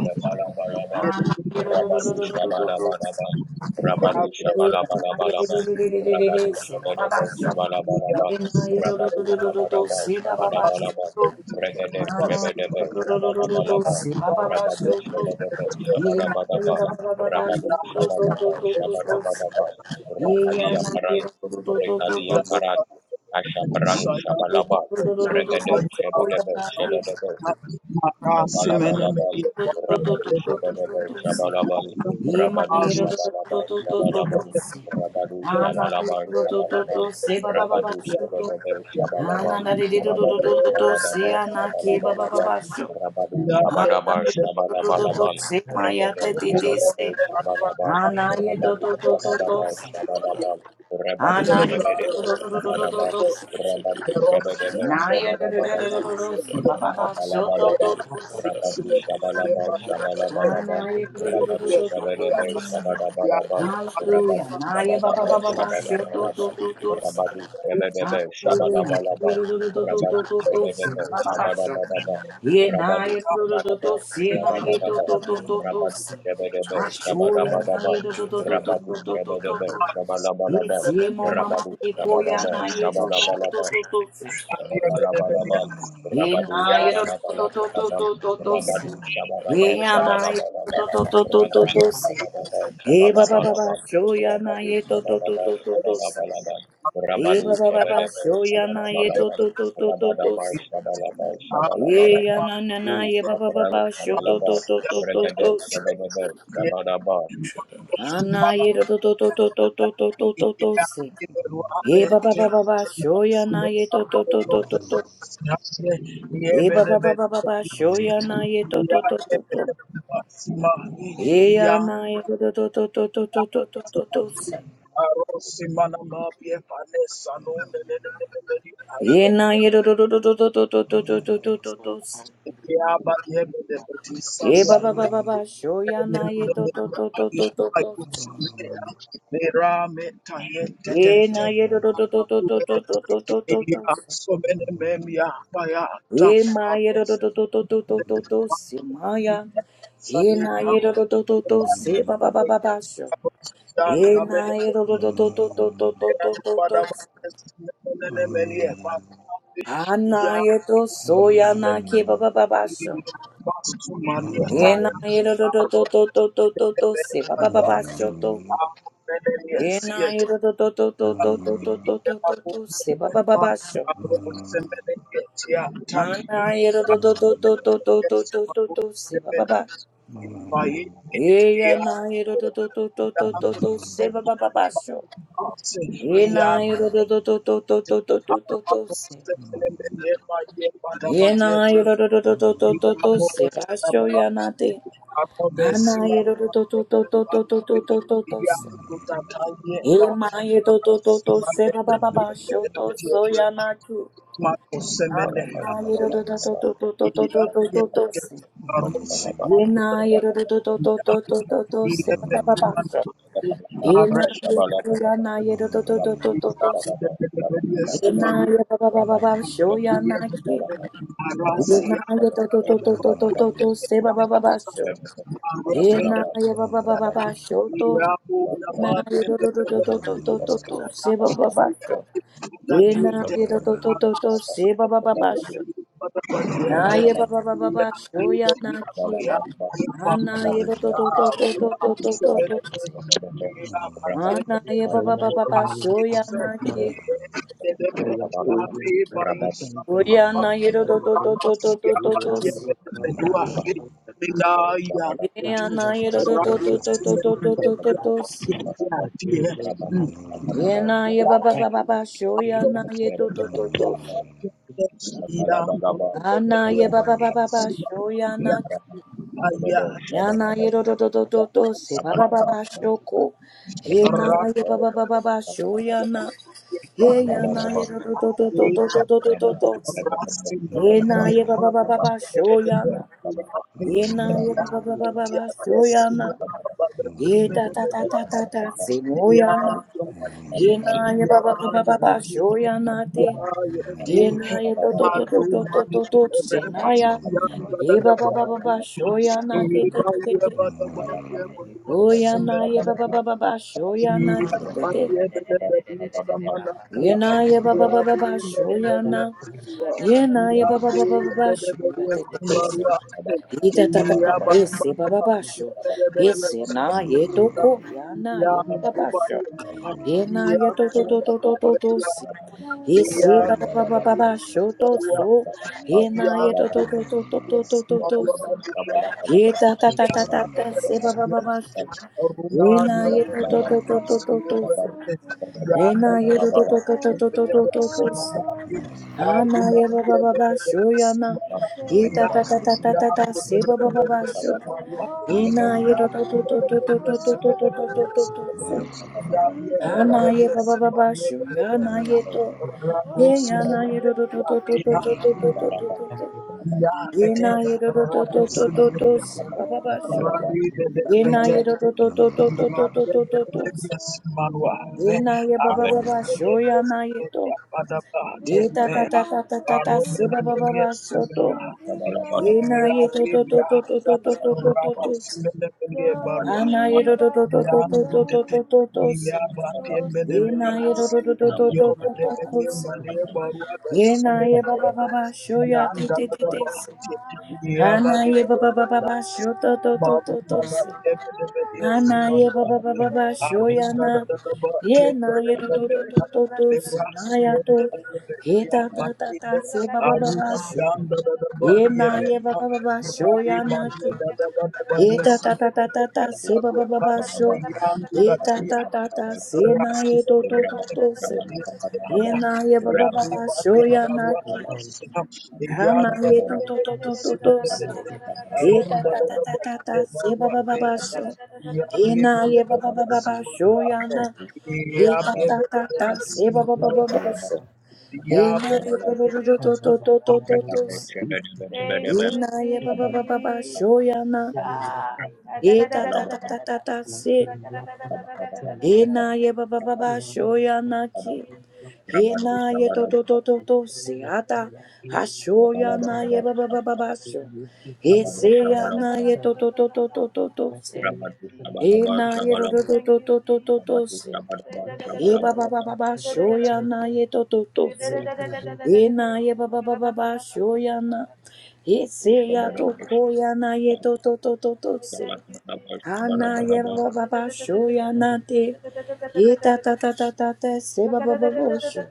Rabalabalabam, Yeah, Rabadu Shabalabalabam, Rabadu Shabalabalabalabam, Rabadu Shabedebe Shabalabalabam, Thank Rabadu you. Shabarabal Shabalabalabam, Thank Regede Shebedebe Shabalabalabam, Rabadu Shebedebe Shabarabadabam, Rabadu Shabadaba Shabadabadabam, Rafalia Paranu, Rekadia Paratu, Asha Paranu Shabalabam, Regede Shebedebe Shebedebe Ana ke Balabalabam, ba Rabadu Shabadaba Shabalabam, Rabadu Shabalaba Shabalabam, Rabadu Shabalaba Shabalabam, you the crowd Rabadu of Shabadaba the Shabalabam, Rabadu Shabadaba ba ba Shabalabalabam, ba sho. Rabadu Ana Shabadaba do do do do Shabalabalabam, se maya Regade te te te se. Shabadaba Shabalabam, Ana ye do Rabadu do do do do Shabadaba se. Shabalabam, Rabadu Ana ye do do do do Shabadaba do do Shabalabam, do people, se. Rabadu the Ross, the Na under Shabadaba ye the do do Shabalabam, do do Legacy, do do the se. Ba ba ba Match, sho I do do Rabalabalabam, do remember se. the Rabadu Civil, the Shabalabal, Body, the Shabalabalabam, Rabadu Yes, yeah, Shabadebe, but yeah, Shabadabalabam, Hallelujah. Rabadu yeah, Naya ba ba Shabadaba, Thank ba ba ba. Shoto to Shabalabalabam, to to se. Rabadu Thank Shabadebe, Hallelujah. Naya do Shabalabalabam, do do do do do Rabadu do do se. Shabadebe, Ba ba ba so. Shabadabadabam, Ye Rabadu naya do do do do Shabadaba, se. Naya do Shabadabadabam, do do do do Rabadu se. Shabadebe, Ashoya Shabadabadabam, naya do do do do do Rabadu do do do do Shabadebe, do. Ye Shabalabalabam, se mo mama Rabadu ye koya Shabadaba, naya do do do do Shabalabalabam, do do se Shabalabalabal, Rabadu ina yo do to to to to Shabalabalabal, to do do si Rabadu Shabalaba ina yo Shabalabalaba, to to to to to to Rabadu do si Shabalaba e ba ba ba ba Shabalabalabal, show ya na Rabadu ye to to to Shabalaba to to to si Shabalabalabal, e Rabadu ba ba ba ba Shabalaba show ya na ye to Shabalabalabal, to to to to to do Rabadaba si Shabalaba e ya Shabalabalabal, na na na Lu ye you. ba ba ba ba Saparang show to to Shabalaba, to to to to do Regade si Shabadaba Shabalaba, ana ye to to to to to to to to to, do si e ba ba ba ba ba show ya na ye to to to to to to e ba ba ba ba ba sho ya na ye to to to to do Eya na Simana ye do do do do do do do do do yeto soya na ye do do do do do do do do do do, do do do do se. Ye ba ba ba ba ba sho ya na ye do do do, do do do do se. Ye na ye do do do do do do, do do do do do do se. Ye ma ye do do do, do do do do do do se ma ya. Ye na ye do do do. do do se ba ba ba ba ba na na na ye do do do do do do do do do do do se. Ha na ma Yeah. ma so ya na ke ba papa ba ba ba basho. Yena yero to to to to to to to to se ba ba ba ba sho to. Yena yero to to to to to to to to to to to se ba ba ba ba sho. Ana yero to to to to to to to to to to se ba ba ba. Yeya na yero to to to to to to to se ba ba ba ba sho. Yena yero to to to to to to to to to to se. Yeah, Yena yero to to to to to to Arrest to se ba sho ya na te. Ana yero to to to to to to to to to to to se. Emaye to to to to se ba ba ba sho to so Shabalaba Anaye to to to Shabalaba, to to to to to to to Rabadu to to Shabalaba se. Shabalaba, Yenaye Rabadu to to to to to to to to to se ba ba ba sho. Rabba Enaye ko to to to that to to to to se. Enaye ba ba ba ba ba sho Enaye to to to to to to to to se ba ba ba sho. Enaye ba ba ba ba ba sho to. Enaye to to to to to to to to to se ba ba ba sho. E na you ye to to to papa. to to Thank se ba ba ba ba sho. Na ye ba ba ba ba ba sho ya na ki. Ana ye to to to to to to to to to to se. Ana ye ba ba ba ba ba sho ya na you. Rabba ki. Dayabeya Prakatanda O ya na ye to to to Bhakutande to to to to to to se. Vilamakada Lapakatande Ye ya na ye to to to Yapakadeya to to to to to to to Prakutanda to se. Bhakutande e na ye ba ba ba Adivila ba ba sho ya you. na ye to to to to se. Ana ye ba ba ba ba ba sho ya na ki. Yeah. Yana yododododo se baba baba Yapakatanda shoko. He Yeah, na ye baba baba baba sho yana. He yana beramadu yododododododododododo se. beramadu He na sabar-sabar, ye baba baba beramadu baba sho yana. beramadu sabar-sabar, He na ye beramadu baba baba baba sho sabar-sabar, yana. beramadu He ta ta ta ta ta ta sabar-sabar, se mo yana. beramadu sabar-sabar, He na ye baba beramadu baba baba sho yana te. Ramadu, He Ramadu, na ye Ramadu, Ramadu, he's able, dodododododododo se he's na ya. able, God is He baba able. baba baba sho La praga yana ta te ta te ta te ta. te. Retete lita parra ta Oyana ta ta ye ta baba ta baba ta ba shoyana ta. tete. Rededededededede Ramadu, ba ba ba ba ba Yena ye ba ba baba baba ba ba ba ba ba. shoyana. He's able to do Yena ye baba just what baba he ba shoya says he tete will tese. do. Ita ta ta ta ese baba ba sho. Ese na ye toko Ramadu, yana Ramadu, ye Ramadu, baba sho. Ramadu, Yena ye Thank to to to to to to to yeah, si. Iya Ese baba baba benar-benar baba sho semua to so. Yena ye yang to to to to to benar-benar to to to semua to si. yang Ye ta ta ta yang ta ta ta se ba ba ba benar-benar ba sho. Ye rumah na dia ye to He to to benar-benar to to to to gonna semua se. fulfill Ye yang na ye to benar-benar to to to to to to every to benar-benar to to semua se. promise he Ha na rumah ye ba ba dia ba made. ba sho benar-benar ya na. semua yang He's Ye ta able. yang ta ta ta ta ta ta se ba ba ba ba benar-benar sho. Oh, Ye oh, na ye to to to to to to to to to to to to to to se. oh, oh. He's Ha Thank na you. ye able. ba ba ba ba sho ya na Mm-hmm. ye to. Every Thank Rabu Ye ya na Simon, ye to to yeah, to to we to to to to to have. to to to to. Ya Ye bete Yabete na ye to to to to to Rabosi to to se ba ba ba sho. Rabi Bete Yena bete ye do do do do do do ya do do bete do do bete do. bete manwa re Yena ye ba ba aro ba you. ba bete sho ya na ye bete to. ya pada pati Ye ta re ta ta ta promise ta to ta ta aro you, si bete ba ba ba bete ba sho simele to. Rabba Yena ya ye do do bete do ya do do do do do aro do do do. aro don't Barua, Ana ye do give do do up do ya on do do do Dete, do God, do do do. Yabate cause He Yena Menemedia, ye do do won't do do do do give do up do do. on you. Yena He's ye ba ba ba able ba sho ya ti Yanda ti ti da ti. bahati, Ratatata. ya ba Ana ye ba ba ba ba da ba sho to to to to Arusi to. Ana ye ba ba ba ba ba shoyana ye na ye to to to to to to sinaya to ye ta ta ta ta se ba ba ba ba sho ye na ye ba ba ba ba shoyana ki ye ta ta ta ta ta ta se ba ba ba ba sho ye ta ta ta ta se na ye to to to Raskita to se ye na ye ba ba ba Yami ba Badia shoyana Barua ki Masiham ana Yami ye Thank to to to to to to se Eta Arunda ta da ta da ta ba ta ke ta se ba marwa ba ba ba pesa. sho. Ya be He me na ye ba be ba ba pes ba ba sho marwa ya you. na. Ya He ta be about ta be be ta be ta Thank Rabba se ba ba ba marwa ba ba Balaba sho. Ya He na be be ye ba be Shabalab ba be ba ba to to to to to to se. He Rakadabel you, na ye ba ba Rabat ba ba ba Jesus. sho ya na. Shai. He ta ta Rabalaba ta ta ta ta se. Thank He na ye ba ba ba ba sho ya you, na ki. He Jesus. Rabadu na ye to Shabalaba to to to to se ata. Ha sho ya Kalababa na ye ba ba ba ba ba sho. He Rabadu se ya na ye Shabalaba to to to to to to to se. Thank you, Rabadu E Jesus. Shabalaba na ye to Shabalab to Thank to you, to to to do Jesus. Rabadu se. Shabalaba E ba Shabalaba ba ba ba ba show ya na ye to to do se. E na ye ba ba ba ba ba show ya na. E se We ya to thank you, ko Jesus. ya na ye to to to to do se. Jesus. Rabadu Ha Shabalaba na ye ba Shabalaba ba ba We ba thank you, show Jesus. ya na te. E ta ta ta ta ta ta se ba ba ba ba show.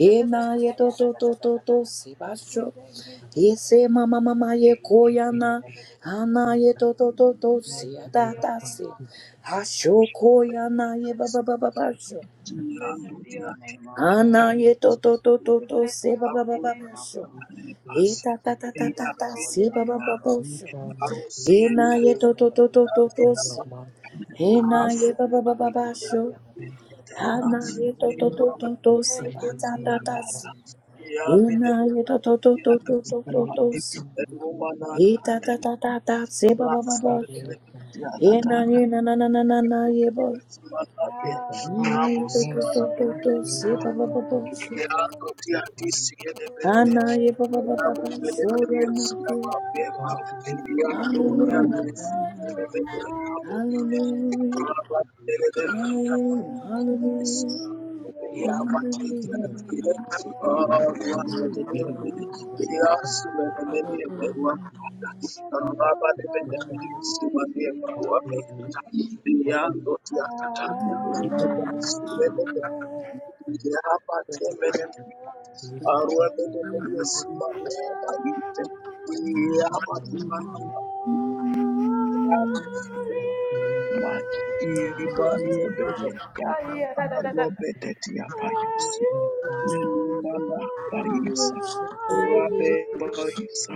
E na ye to to to to do se ba We show. thank you, Jesus. you. Ese mama mama ye Thank koyana With the ana ye to to to to si Blessed be ata your ta name, O si God. hasho Blessed. koyana ye ba ba ba ba ba sho Milando Blessed be your diratti name, O God. ana bene ye to to to to We to bless si your ba ba ba holy Apple ba and name, ba O sho God. e Basse ta ta We ta ta they ta bless are your ta being holy si ba name, ba O ba ba God. sho e Arosea na ye to to to to to to si e na Ras ye ba ba ba ba ba sho ana ye to to to to to si Thank ba you, ta ta ta Jesus. si e na ye to to to to to to to to si Romana Ye ta ta ta ta ta se ba ba Ras ba ba sha. Ye na ye na na na na na na ye ba. Yes, Lord, yes. Ye na Hallelujah. Rabo, ye to to to Simana, to to se Mabel. ba ba ba ba Thank sha. Ha na ye ba ba ba Hallelujah. ba ba sho ya na te. you. Thank For you. the Hallelujah. blood of Hallelujah. mighty reign. Hallelujah. Hallelujah. Hallelujah. Hallelujah. Hallelujah. Hallelujah. For the Lord God Almighty reign. you. Hallelujah. Here I see my brother Aruveda doing his job. Here I see my mother. Hallelujah, Ibalia Beyata Oh, yeah, da, da, da, da. Alobetetia Are Payasi you Lord Menumana God Payasa Almighty? Rabe Payasa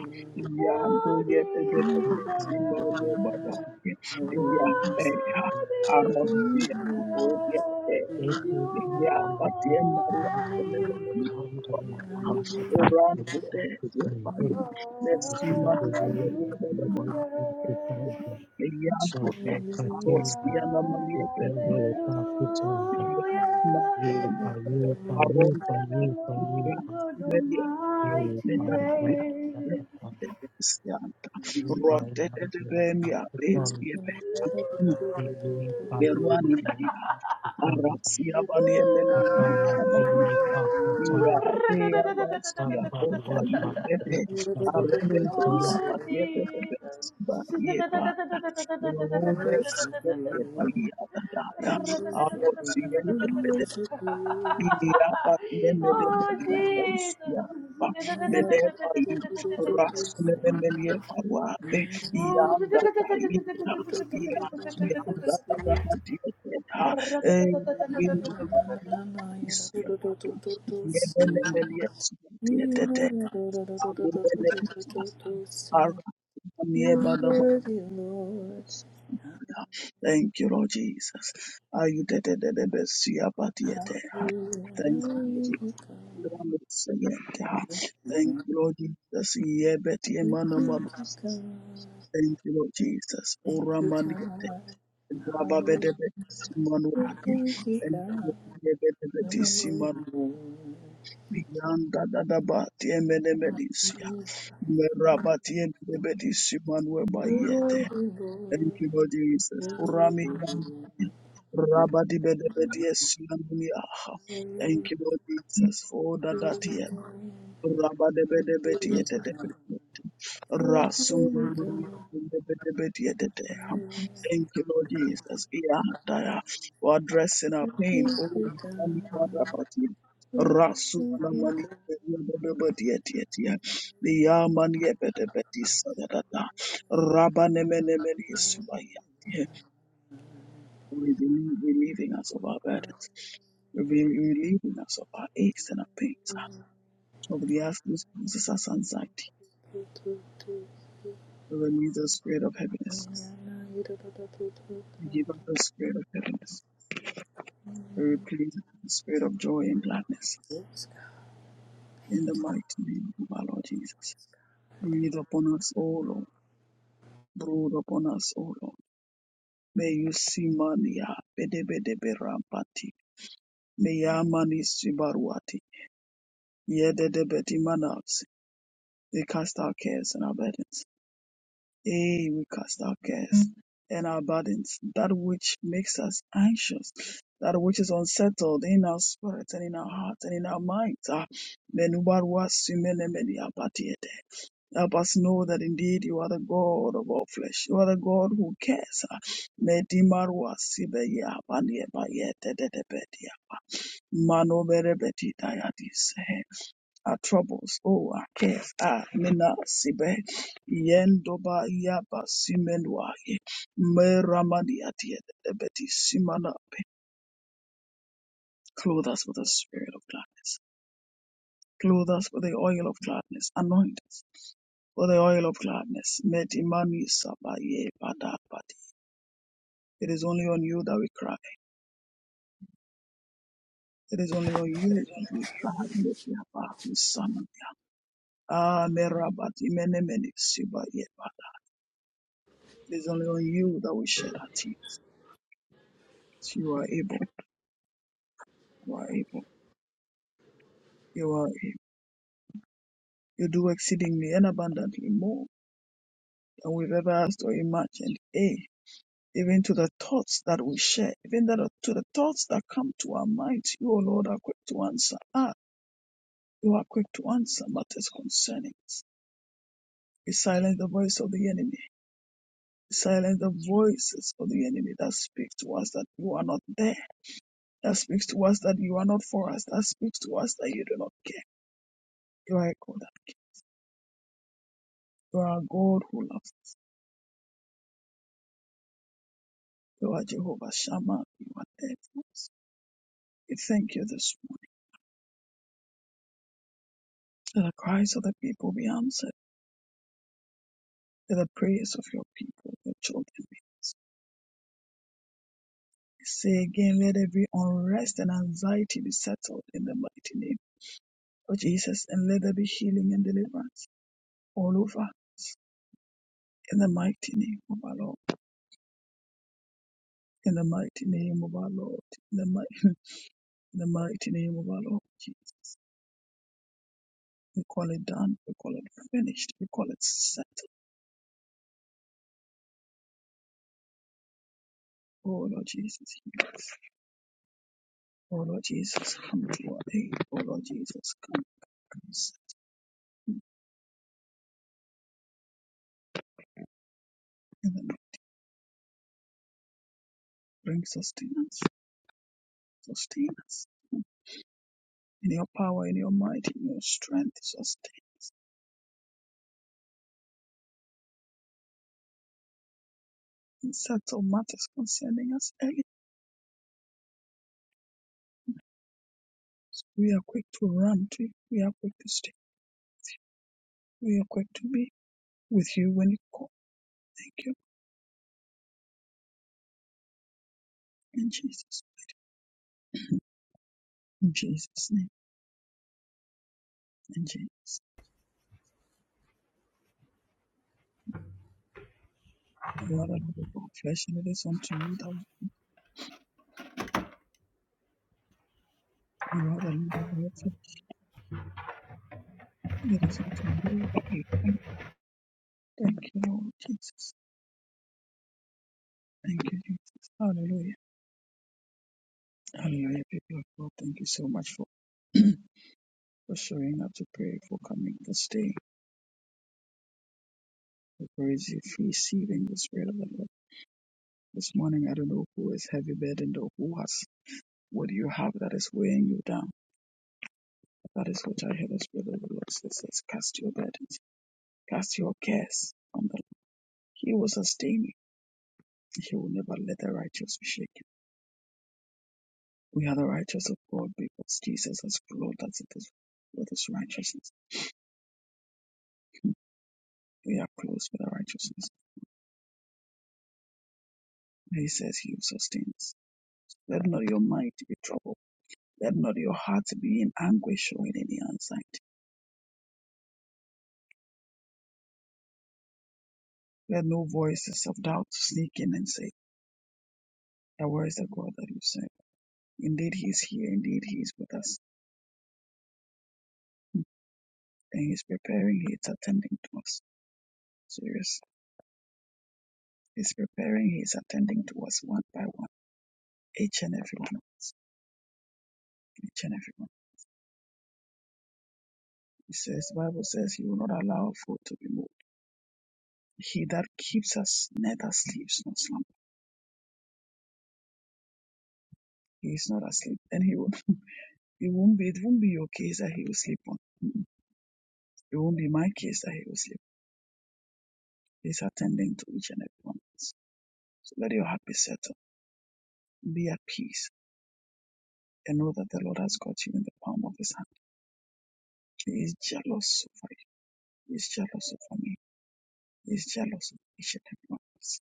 Yando What is the Yetedebeti Lolo Lamb? Badaki Yapeha What is Arotia the Odia Lamb? You are Yapatia Maria Thank Senemania holy. Rambute Hallelujah. Messi Maria Meyakone, Parosiana Maria Petra, Meya, Hallelujah. Na, Aronde, For the Meya, Lord God Meya, Almighty Menabia, reigns. Meya, Rode, Remia, Bestia, Ooh. Berwani ya Arasi ya Ooh. bani emelele sababu ya bea basi ya kopa yubebe arende you. ya Oh, patiete bebe Jesus. siba ye pata rube Worship sibe ye you. pali ya You dadaya are aro worthy, siende Lord. Iraba Oh, nemenebelea Jesus. orsiaba Hallelujah, meneba i hallelujah, God. We thank you, God. Thank you, God. rasmenemenie paruabe ianda taina iasianda tadabadieteta erabinuaia isiabado nemenemelie siatietete arubeleita ara niebadabadosya. Thank you, Lord Jesus. Ayutetetetebesia patiete. Thank you, Lord Jesus. Thank you, Lord Jesus. Yebet yemana manos. Thank you, Lord Jesus. Ora maniete. Baba Hallelujah. bedebe We simanuati. thank you, Thank you, God. Lord. Yebete beti simanu. Yanda dadaba tiemedebedisia. Meraba tiemedebedi simanueba yete. Thank you, Lord Jesus. Ora Urami Rabadi bedebedi esimanuia. Thank you, Lord Jesus, for all that. that he Rasum Thank you, Lord Jesus. Yeah, Daya. For addressing our pain. Oh, you can be part of it. Rasum Lamani Bedebetiatia. The Yamani Bedebetis Sadata. Rabanemenemeni Subaya. We believe Relieving us of our burdens, relieving us of our aches and our pains, of the asking, Jesus, as anxiety. We release the spirit of heaviness. We give up the spirit of heaviness. We replace it with the spirit of joy and gladness. Yes, God. In the mighty name of our Lord Jesus. Breathe upon us, O Lord. Brood upon us, O Lord. May you see mania. Bedebedeberampati. May yamani sibaruati. yedebeti manas. They cast our cares and our burdens Hey, we cast our cares and our burdens, that which makes us anxious, that which is unsettled in our spirit and in our heart and in our minds. Ah, menubarwas imenemeni apatiete. Help us know that indeed you are the God of all flesh. You are the God who cares. Ah, medimarwas ibeya paniebayete dedebetia. Manoberebeti tayatis our troubles, oh, our cares, ah, mena sibe, yendoba yaba simenwaye, meramani atiyedebeti simanape. Clothe us with the spirit of gladness. Clothe us with the oil of gladness. Anoint us with the oil of gladness. Metimani sabaye badabati. It is only on you that we cry. It is only on you that we cry. Metiaba misana. Ah, merabati menemeni sibaye bada. It is only on you that we shed our tears. You are able. You are able. You are able. You do exceedingly and abundantly more than we've ever asked or imagined. Eh? Even to the thoughts that we share, even that to the thoughts that come to our minds, you, O Lord, are quick to answer. Ah, you are quick to answer matters concerning us. We silence the voice of the enemy. We silence the voices of the enemy that speaks to us that you are not there, that speaks to us that you are not for us, that speaks to us that you do not care. You are a God that cares. You are a God who loves. You are Jehovah Shammah. You are faithful. We thank you this morning. Let the cries of the people be answered. Let the prayers of your people, your children be. We say again, let every unrest and anxiety be settled in the mighty name of Jesus, and let there be healing and deliverance all over us in the mighty name of our Lord. In the mighty name of our Lord. In the, mighty, in the mighty name of our Lord Jesus. We call it done. We call it finished. We call it settled. Oh Lord Jesus. heal us. O Lord Jesus, come to our aid. O Lord Jesus, come, come, come, in bring sustenance, sustain us. In your power, in your might, in your strength, sustain and settle matters concerning us early. We are quick to run to you. We are quick to stay. We are quick to be with you when you call. Thank you. In Jesus. In Jesus' name. In Jesus. You are the Lord of all flesh, and it is unto you that we, you are the Lord of all flesh. and It is unto you that we Thank you, Lord Jesus. Thank you, Jesus. Hallelujah. Hallelujah, people of God. Thank you so much for, for showing up to pray, for coming this day, We praise you, for receiving the Spirit of the Lord. This morning, I don't know who is heavy burdened or who has what do you have that is weighing you down. That is what I heard the Spirit of the Lord says. says, Cast your burdens, cast your cares on the Lord. He will sustain you. He will never let the righteous be shaken. We are the righteous of God because Jesus has clothed us with his with his righteousness. Hmm. We are clothed with our righteousness. And He says he sustains. Let not your mind be troubled. Let not your heart be in anguish or in any anxiety. Let no voices of doubt sneak in and say, "Ah, Where is the God that you serve? Indeed, he is here. Indeed, he is with us. And he is preparing, he is attending to us. Serious. He is preparing, he is attending to us one by one, each and every one, each and every one. He says, the Bible says, He will not allow our foot to be moved. He that keeps us neither sleeps nor slumbers. He's not asleep. Then he will. not It won't be. It won't be your case that he will sleep on. Mm-mm. It won't be my case that he will sleep. He's attending to each and every one of us. So let your heart be settled. Be at peace and know that the Lord has got you in the palm of His hand. He is jealous over you. He is jealous over me. He is jealous of each and every one of us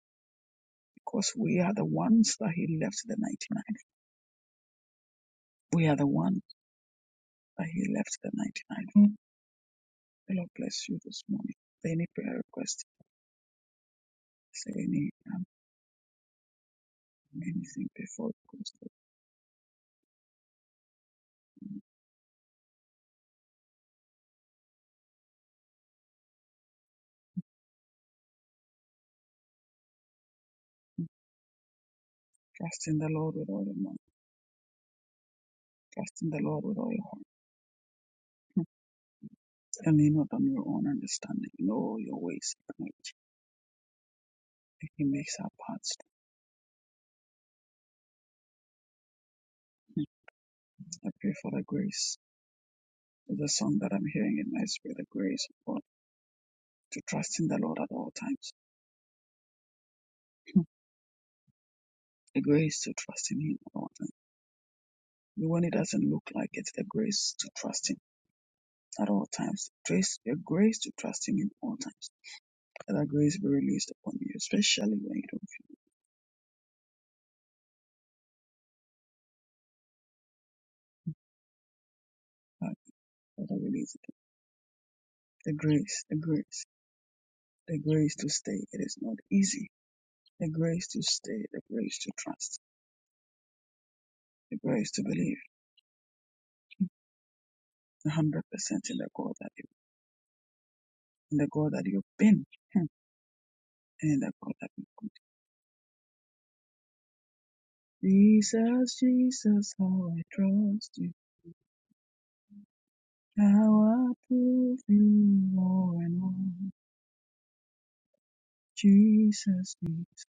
because we are the ones that He left the 99. We are the ones that He left the 99. Mm. The Lord bless you this morning. Any prayer request? Say any um, anything before it goes. to Trust in the Lord with all your mind. Trust in the Lord with all your heart. And lean not on your own understanding. In all your ways, acknowledge. that He makes our paths. straight. I pray for the grace. There's a song that I'm hearing in my spirit, the grace of God, to trust in the Lord at all times. The grace to trust in Him at all times. When it doesn't look like it, the grace to trust Him at all times. Grace, the grace to trust Him in all times. Let that grace be released upon you, especially when you don't feel like. Let that release it. The grace, the grace. the grace to stay. It is not easy. The grace to stay, the grace to trust, the grace to believe 100% in the God that you, in the God that you've been, and in the God that you could. Jesus, Jesus, how I trust you, how I prove you more and more. Jesus, Jesus,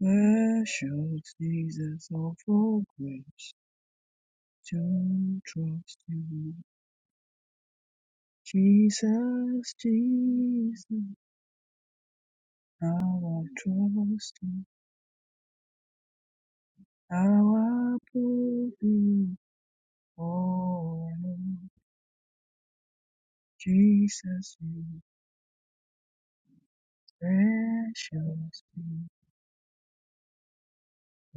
precious Jesus, all for grace to trust you. Jesus, Jesus. Our trust in our hope in you, oh Lord Jesus, you precious King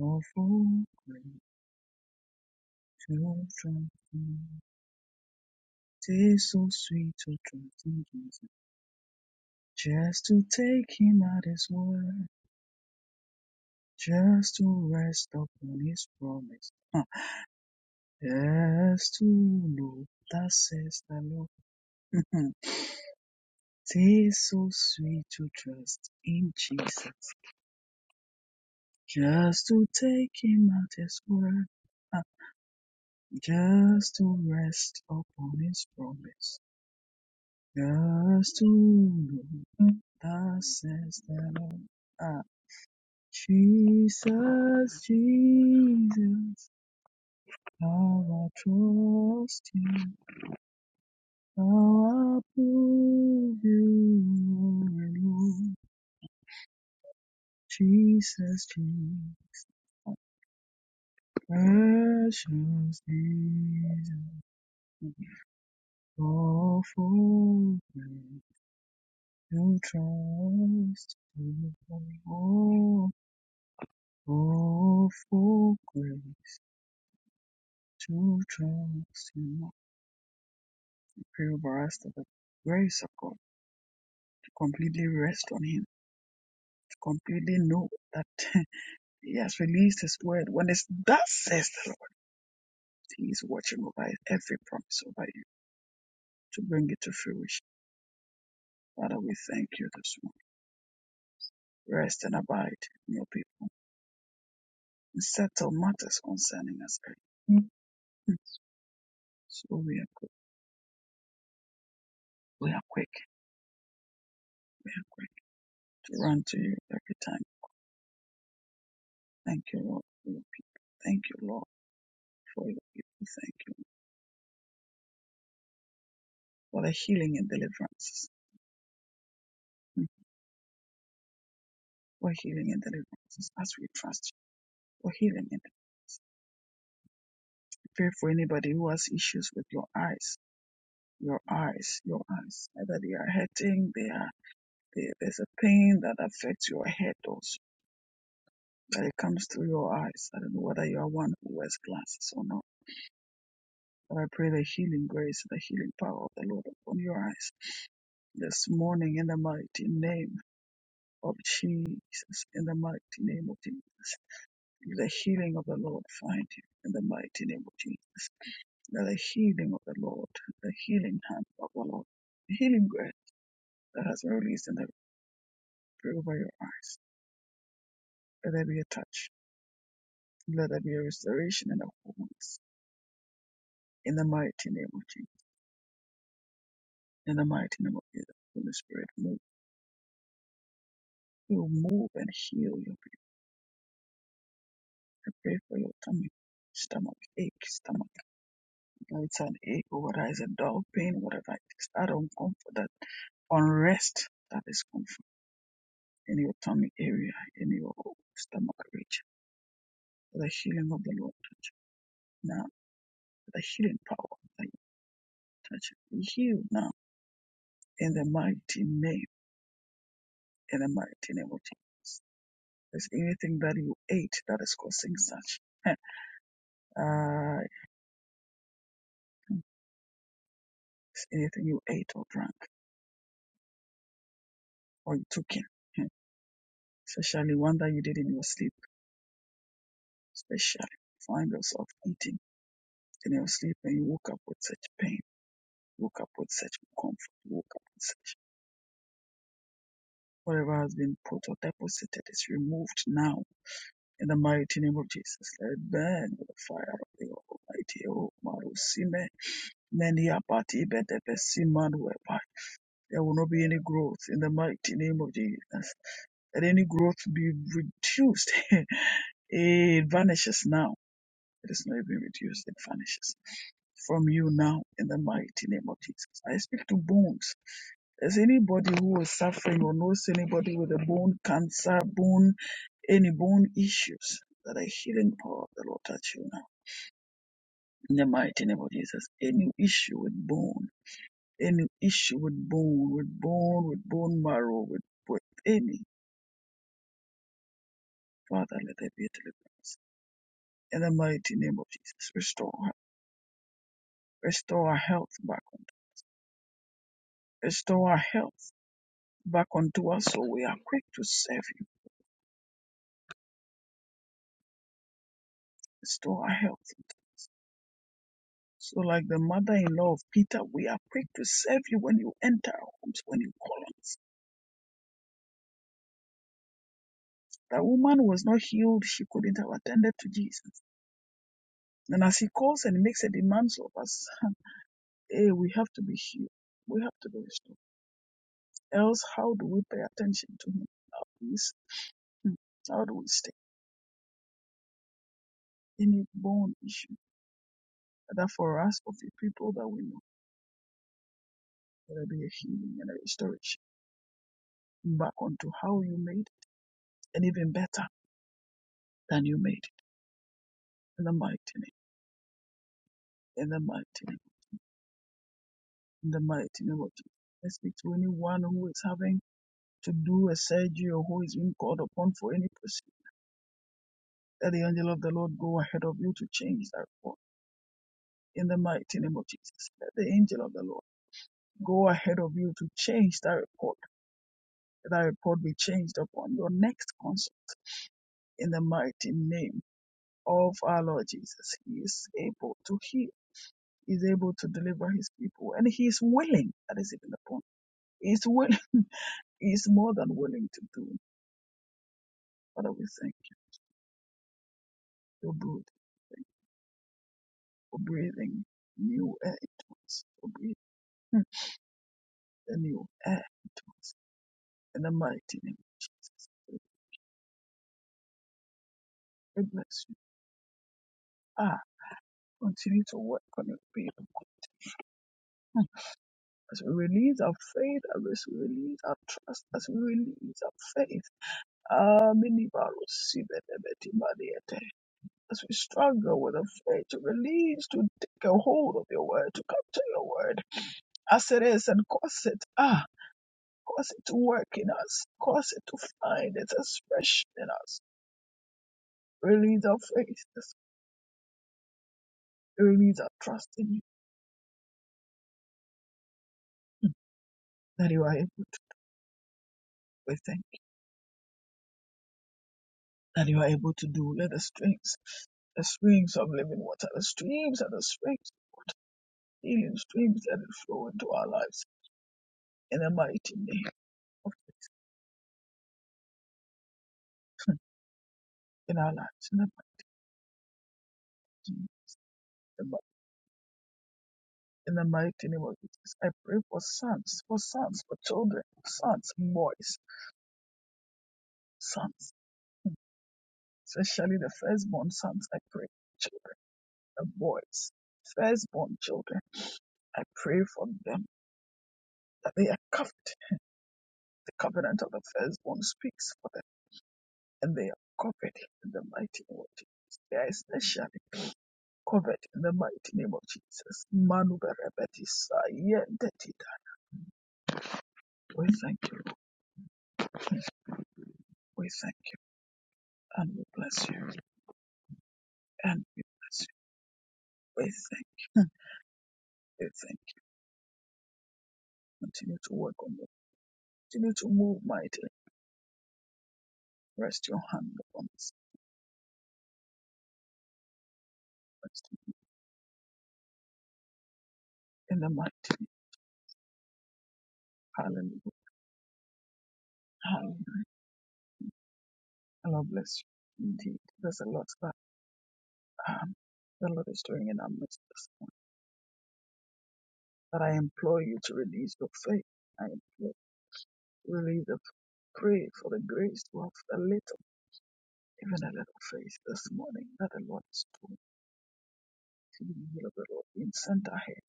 of all great to trust in. Tastes so sweet to trust in Jesus, just to take Him at His word, just to rest upon His promise, huh, just to know that says the Lord. Tastes so sweet to trust in Jesus. just to take him at his word, uh, just to rest upon his promise, just to know that says the Lord. Uh, Jesus, Jesus, how I trust you, how I prove you, oh Lord. Jesus, Jesus, precious Jesus. All for who trust you. Oh, all for grace to trust you. Pray over us that the grace of God to completely rest on Him, to completely know that He has released His word. When it's that says the Lord, He is watching over every promise over you to bring it to fruition. Father, we thank you this morning. Rest and abide in your people. and Settle matters concerning us. Mm. So we are quick. We are quick. We are quick to run to you every time. Thank you, Lord, for your people. Thank you, Lord, for your people. Thank you for the healing and deliverances. Mm, For healing and deliverances as we trust you. For healing and deliverances. Pray for anybody who has issues with your eyes. Your eyes, your eyes. Either they are hurting, they are there- there's a pain that affects your head also. That it comes through your eyes. I don't know whether you are one who wears glasses or not And I pray the healing grace, the healing power of the Lord upon your eyes this morning in the mighty name of Jesus, in the mighty name of Jesus. Let The healing of the Lord find you in the mighty name of Jesus. Let the healing of the Lord, the healing hand of the Lord, the healing grace that has been released in the prayer over your eyes. Let there be a touch. Let there be a restoration and a wholeness in the mighty name of Jesus. In the mighty name of Jesus, Holy Spirit, move. You move and heal you I pray for your tummy, stomach ache, stomach. You know, it's an ache or whether it's a dull pain, whatever it is. That uncomfort, that unrest, that is comfort in your tummy area, in your stomach region. For the healing of the Lord touch now. For the healing power of the Lord touch Be healed now in the mighty name, in the mighty name of Jesus. There's anything that you ate that is causing such. Uh, anything you ate or drank or you took in. especially one that you did in your sleep, especially you find yourself eating in your sleep and you woke up with such pain, woke up with such comfort, woke up with such whatever has been put or deposited is removed now in the mighty name of Jesus. Let it burn with the fire of the Almighty. Oh, Marusime, many apati bedepesimanu there will not be any growth in the mighty name of Jesus. Let any growth be reduced. it vanishes now It is not even reduced, it vanishes from you now in the mighty name of Jesus. I speak to bones. There's anybody who is suffering or knows anybody with a bone cancer, bone, any bone issues, that the healing power of the Lord touch you now. In the mighty name of Jesus, any issue with bone, any issue with bone, with bone, with bone marrow, with, with any, Father, let there be a deliverance. In the mighty name of Jesus, restore, restore our health back, unto- restore our health. back unto us, so we are quick to serve you. Restore our health. So, like the mother in law of Peter, we are quick to serve you when you enter our homes, when you call on us. That woman was not healed, she couldn't have attended to Jesus. And as he calls and makes a demand of us, hey, we have to be healed. We have to be restored. Else, how do we pay attention to him? He's- How do we stay? Any bone issue? That for us, for the people that we know, there will be a healing and a restoration back onto how you made. and even better than you made it. In the mighty name, in the mighty name, in the mighty name of Jesus. I speak to anyone who is having to do a surgery or who is being called upon for any procedure. Let the angel of the Lord go ahead of you to change that report. In the mighty name of Jesus. Let the angel of the Lord go ahead of you to change that report. Let that report be changed upon your next consult. In the mighty name of our Lord Jesus. He is able to heal. He is able to deliver his people. And he is willing. That is even the point He's will He's more than willing to do. Father, we thank you for breathing, for breathing new air into us, for breathing Hmm. the new air into us. In the mighty name of Jesus, we bless you. Ah, continue to work on your people as we release our faith, as we release our trust, as we release our faith. Ah, many minibaru as we struggle with the faith to release, to take a hold of your word, to come to your word as it is and cause it, ah, cause it to work in us, cause it to find its expression in us. Release our faith, release our trust in you that you are able to, we thank you, that you are able to do. Let the strength the streams of living water, the streams and the springs of water, healing streams that it flow into our lives in the mighty name of Jesus, in our lives in the mighty name. in the mighty name of Jesus. I pray for sons, for sons, for children, sons, boys, sons, especially the firstborn sons. I pray for children, the boys, firstborn children. I pray for them that they are covered. The covenant of the firstborn speaks for them, and they are covered in the mighty name of Jesus. They are especially covered in the mighty name of Jesus. Manu berebetis, ayen detita. We thank you. Lord. We thank you, and we bless you, and we bless you. We thank you. We thank you. Continue to work on us. Continue to move mightily. Rest your hand upon us. Rest in the mighty name. Hallelujah. Hallelujah. Allah bless you. Indeed, there's a lot that um, the Lord is doing in our midst this morning. But I implore you to release your faith. I implore you, to release the pray for the grace to have a little, even a little faith this morning that the Lord is doing. See the will of the Lord being sent ahead.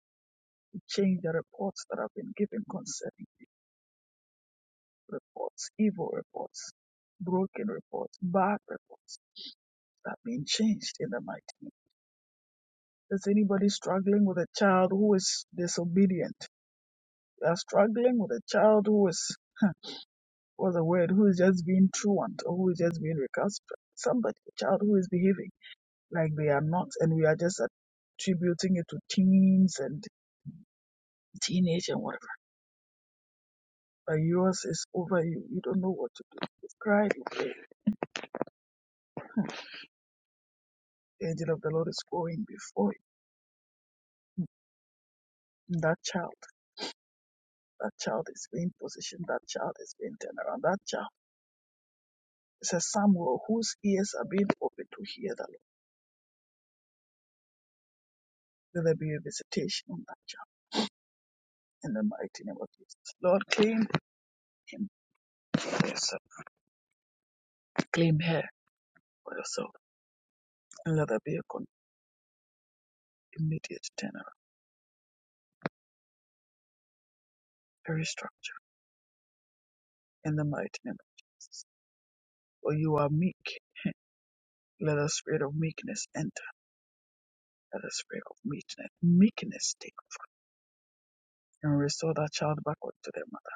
Change the reports that have been given concerning. reports, evil reports, broken reports, bad reports that are being changed in the mighty name. Is anybody struggling with a child who is disobedient? You are struggling with a child who is what's the word, who is just being truant or who is just being recalcitrant. Somebody, a child who is behaving like they are not, and we are just attributing it to teens and teenage and whatever. But yours is over you. You don't know what to do. You've cried, you've prayed. The angel of the Lord is going before you. That child. That child is being positioned. That child is being turned around. That child is a Samuel whose ears are being opened to hear the Lord. Let there be a visitation on that child in the mighty name of Jesus. Lord, claim him for yourself. Claim her for yourself. And let there be a con- immediate turnaround, a restructure in the mighty name of Jesus. For you are meek. Let the spirit of meekness enter. Let the spirit of meekness, meekness take and restore that child back unto their mother.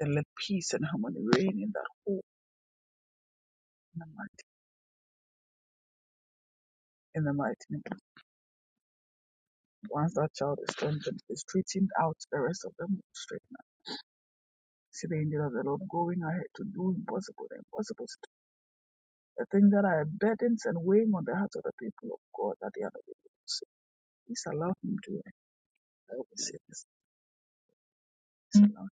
And let peace and harmony reign in that home in the mighty, in the mighty name. of Once that child is strengthened, they straightened out the rest of them straighten out. See the angel of the Lord going ahead to do impossible, the impossible, the things that are burdens and weighing on the hearts of the people of God that they are not able to see. Please allow him to. I always say this. Please allow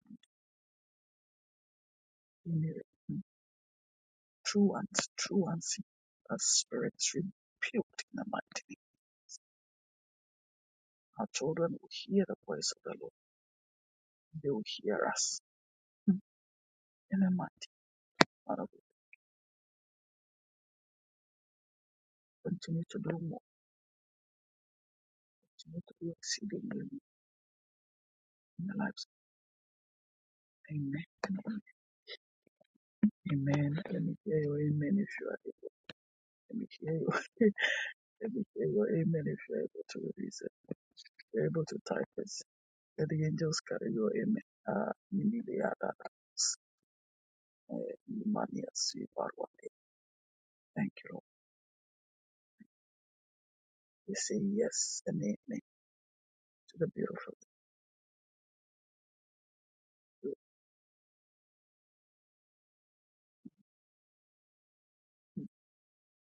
him to hear it. True and true and see that spirits rebuked in the mighty name. Our children will hear the voice of the Lord. They will hear us in the mighty name. Father, we continue to do more. Continue to do exceedingly in the lives. Amen. Amen. Let me hear your amen if you are able. Let me hear your, let me hear your amen if you are able to release it. If you are able to type it, let the angels carry your amen. Ah, minili adadas, eh, manias, ibarwate. Thank you, Lord. We say yes and amen to the beautiful.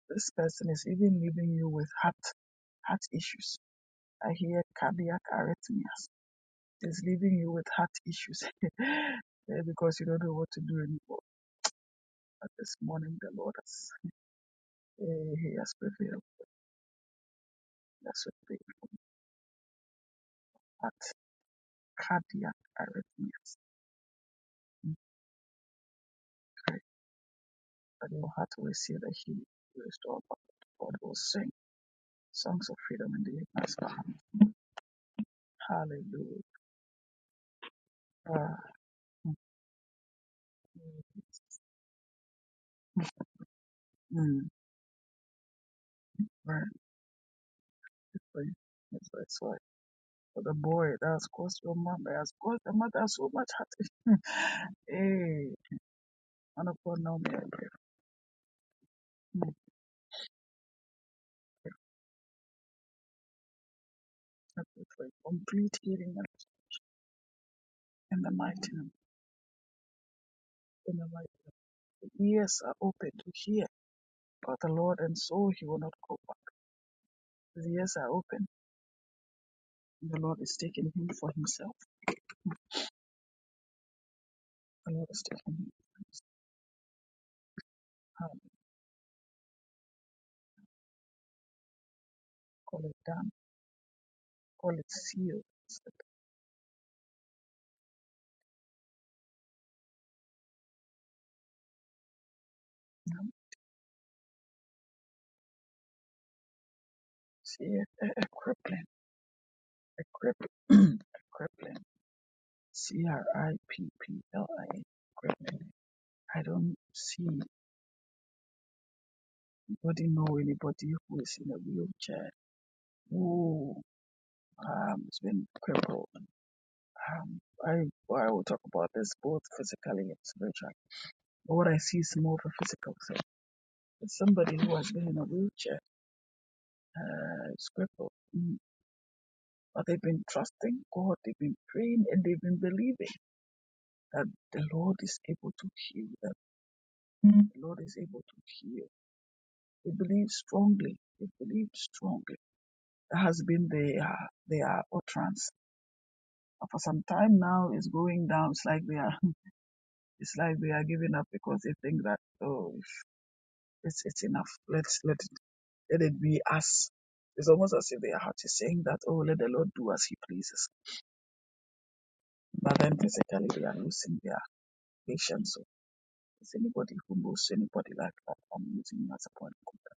This person is even leaving you with heart, heart issues. I hear cardiac arrhythmias. Is leaving you with heart issues. Eh, because you don't know what to do anymore But this morning the Lord has, eh, he has prevailed. That's what they at cardiac arrhythmias. Okay. That your heart will see the healing restored. but God will sing songs of freedom in the ignorance behind. Hallelujah. Ah, mm, mm, right. It's like, it's like, it's like for the boy that has caused your mother, has caused the mother so much heartache. hey, man of God, now may I pray. Mm, I pray for a complete healing in the mighty name. in the mighty The ears are open to hear about the Lord, and so he will not go back. The ears are open, and the Lord is taking him for himself. The Lord is taking him for himself. Um, Call it done, call it sealed. Set now. See a, a crippling, a crippling, a crippling. C R I P P L I N, crippling. I don't see anybody know anybody who is in a wheelchair who um, has been crippled. Um, I I will talk about this both physically and spiritually But what I see is more of a physical thing. It's somebody who has been in a wheelchair, uh, is crippled, mm, but they've been trusting God, they've been praying, and they've been believing that the Lord is able to heal them. Mm. The Lord is able to heal. They believe strongly. They believe strongly. That has been their their utterance. And for some time now, it's going down. It's like they are. It's like they are giving up because they think that oh, if it's it's enough. Let's let it. Let it be us. It's almost as if their heart is saying that, oh, let the Lord do as he pleases. But then physically they are losing their patience. So is anybody who knows anybody like that? I'm using you as a point. of contact.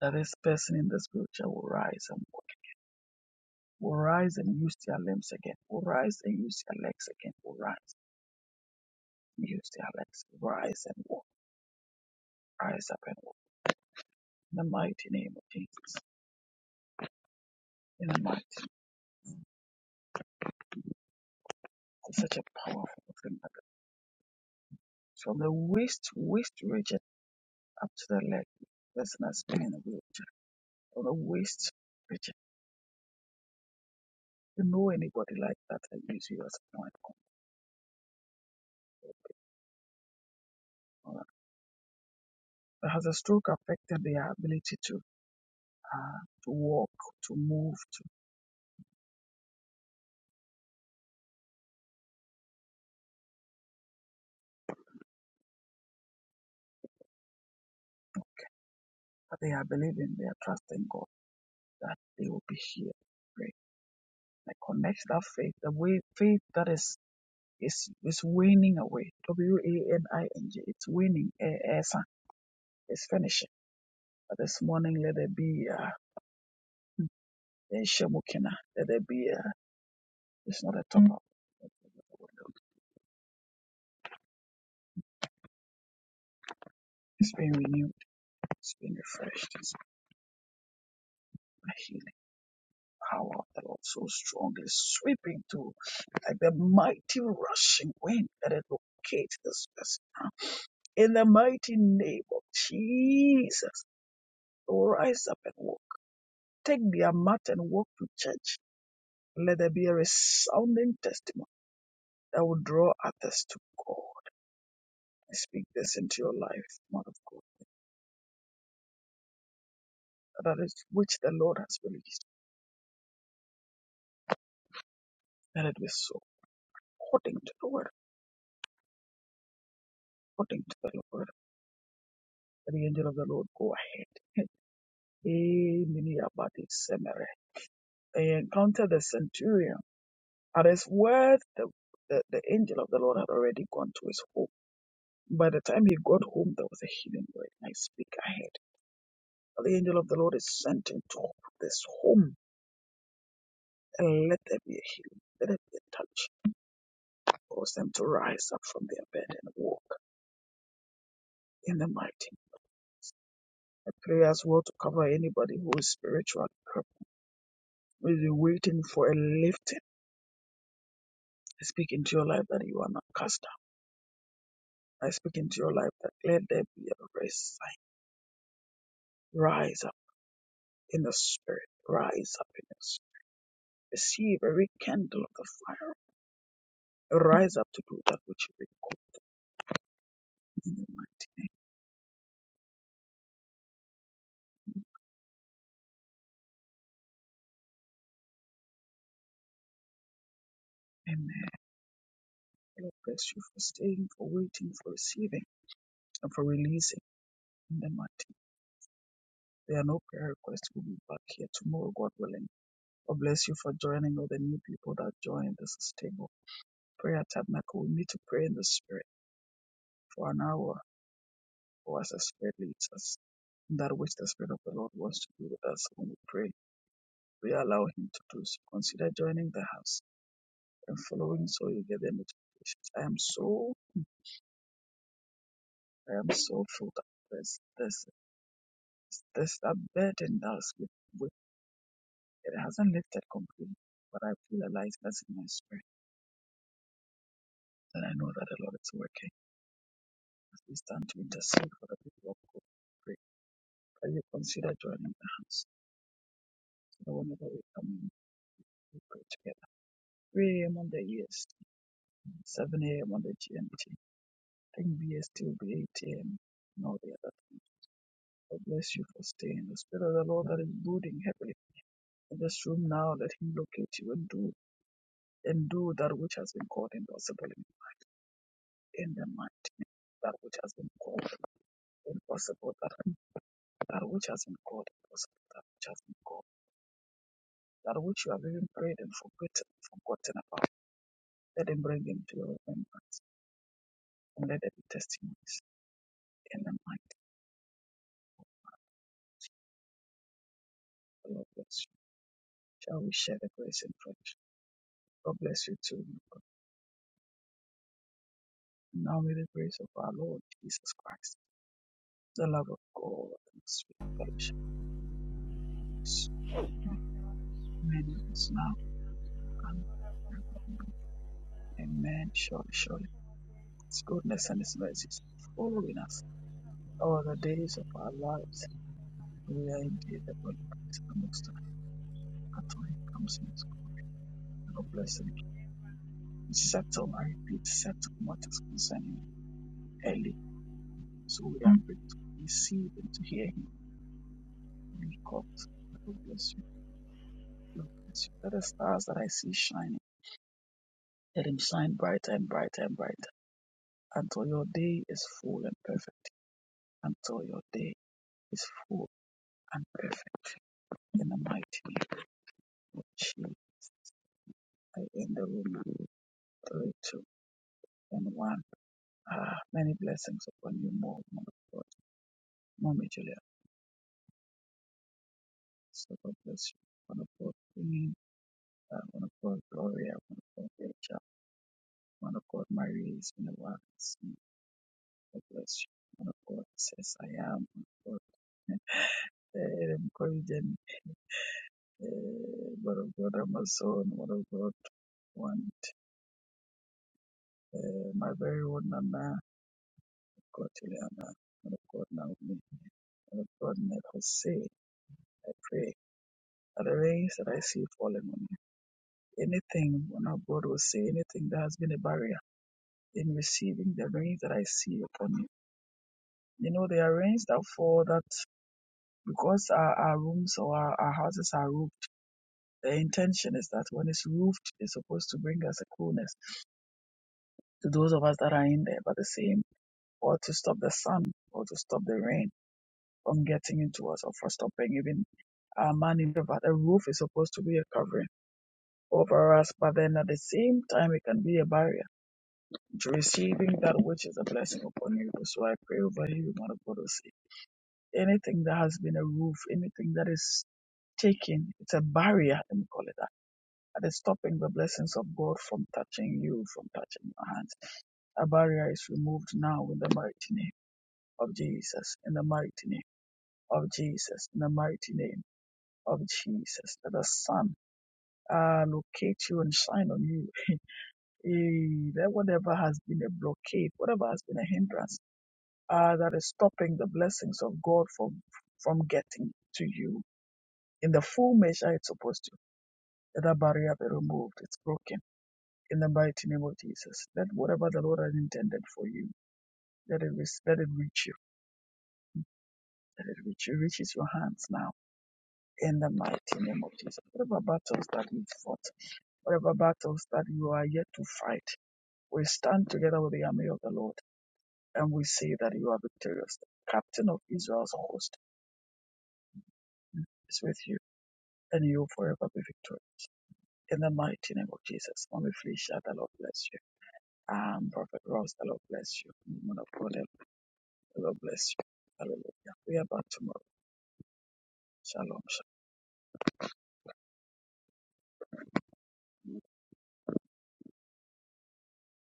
That this person in the spiritual will rise and walk. Will rise and use their limbs again. Will rise and use their legs again. Will rise and use their legs. Rise and walk. Rise up and walk. In the mighty name of Jesus. In the mighty. name. It's such a powerful thing. that- From the waist, waist region. up to the leg. There's not been in a wheelchair or a waist rigid. You know anybody like that I use you as a point of contact. But Has a stroke affected their ability to uh, to walk, to move, to but they are believing, they are trusting God that they will be healed. Great. I connect that faith, the way faith that is is is waning away. W A N I N G. It's waning. Eh, eh, It's finishing. But this morning let there be uh, a shemukina. Let there be a It's not a top up. It's been renewed. It's been refreshed. It's the healing power of the Lord so strong is sweeping to like the mighty rushing wind that it locates this person now. In the mighty name of Jesus, rise up and walk. Take their mat and walk to church. Let there be a resounding testimony that will draw others to God. I speak this into your life, Mother of God, that is which the Lord has released. Let it be so according to the Lord, according to the Lord. The angel of the Lord go ahead. Eh, mini abadi semere. They encountered the centurion. At his word, the, the, the angel of the Lord had already gone to his home. By the time he got home, there was a healing word. I speak ahead. The angel of the Lord is sent into this home and let there be a healing. Let there be a touch. Cause them to rise up from their bed and walk in the mighty. I pray as well to cover anybody who is spiritually crippled If you're waiting for a lifting, I speak into your life that you are not cast down. I speak into your life that let there be a raise sign. Rise up in the spirit. Rise up in the spirit. Receive every candle of the fire. Rise up to do that which you require in the mighty name. Amen. Lord bless you for staying, for waiting, for receiving, and for releasing in the mighty name. There are no prayer requests. We'll be back here tomorrow, God willing. God bless you for joining all the new people that joined. This is Table Prayer Tabernacle. We need to pray in the spirit for an hour was as fairly as that which the Spirit of the Lord wants to do with us when we pray. We allow Him to do so. Consider joining the house and following so you get the notifications. I am so, I am so full of this, this, this, that burden that is with, with it hasn't lifted completely, but I feel a lightness in my spirit and I know that the Lord is working as we stand to intercede for the people of God. Pray. Can you consider joining the house so that whenever we come in, we pray together? 3 a.m. on the EST, 7 a.m. on the GMT. I think BST will be 8 a.m. and all the other things. God bless you for staying. The Spirit of the Lord that is brooding heavily in this room now, let Him locate you and do and do that which has been called impossible in, in the mighty name. That which has been called impossible, that, that which has been called impossible, that which has been called, that which you have even prayed and forgotten, forgotten about. Let Him bring Him to your remembrance and let there be testimonies in the mighty Lord bless you. Shall we share the grace and fellowship? God bless you too. Now may the grace of our Lord Jesus Christ, the love of God, and the sweet fellowship of His Spirit be with us now and amen. Surely, surely, His goodness and His mercy are following us all the days of our lives. We are indeed the body of Christ, the most high. That's why He comes in His God bless Him. Settle, I repeat, settle what is concerning you early. So we are ready to receive and to hear Him when He comes. God bless you. Lord, bless you. Let the stars that I see shining, let them shine brighter and brighter and brighter until your day is full and perfect. Until your day is full and perfect. In the mighty name of Jesus, I end the room now. Three, two, and one. Ah, many blessings upon you more, one of God. Mommy Julia, so God bless you. One of God, bringing, uh, one of God, Gloria, one of God, Rachel, one of God, Marie, is in the world. God bless you. One of God says, I am. One of God. eh, Korean, eh, but of God, Amazon, one of God, one, eh, my very own Nana, Kotiliana, one of God, Naomi, one of God, never say, I pray. At the race that I see falling on you. Anything, one of God will say, anything that has been a barrier in receiving the rains that I see upon you. You know, there are rains that fall that because our, our rooms or our, our houses are roofed, the intention is that when it's roofed, it's supposed to bring us a coolness to those of us that are in there, but the same, or to stop the sun, or to stop the rain from getting into us, or for stopping even our money. But the roof is supposed to be a covering over us, but then at the same time, it can be a barrier to receiving that which is a blessing upon you. So I pray over you, Mother God, to see anything that has been a roof, anything that is taking, it's a barrier, let me call it that, that is stopping the blessings of God from touching you, from touching your hands. A barrier is removed now in the mighty name. of Jesus, in the mighty name of Jesus, in the mighty name of Jesus, that the sun uh, locate you and shine on you. Eh, That whatever has been a blockade, whatever has been a hindrance, uh, that is stopping the blessings of God from from getting to you in the full measure it's supposed to. Let that barrier be removed. It's broken in the mighty name of Jesus. Let whatever the Lord has intended for you, let it re- let it reach you. Let it reach you. It reaches your hands now in the mighty name of Jesus. Whatever battles that you fought, whatever battles that you are yet to fight, we stand together with the army of the Lord and we say that you are victorious. The captain of Israel's host is with you and you will forever be victorious. In the mighty name of Jesus, Mommy Felicia, the Lord bless you. And Prophet Ross, the Lord bless you. Woman of God, the Lord bless you. Hallelujah. We are back tomorrow. Shalom.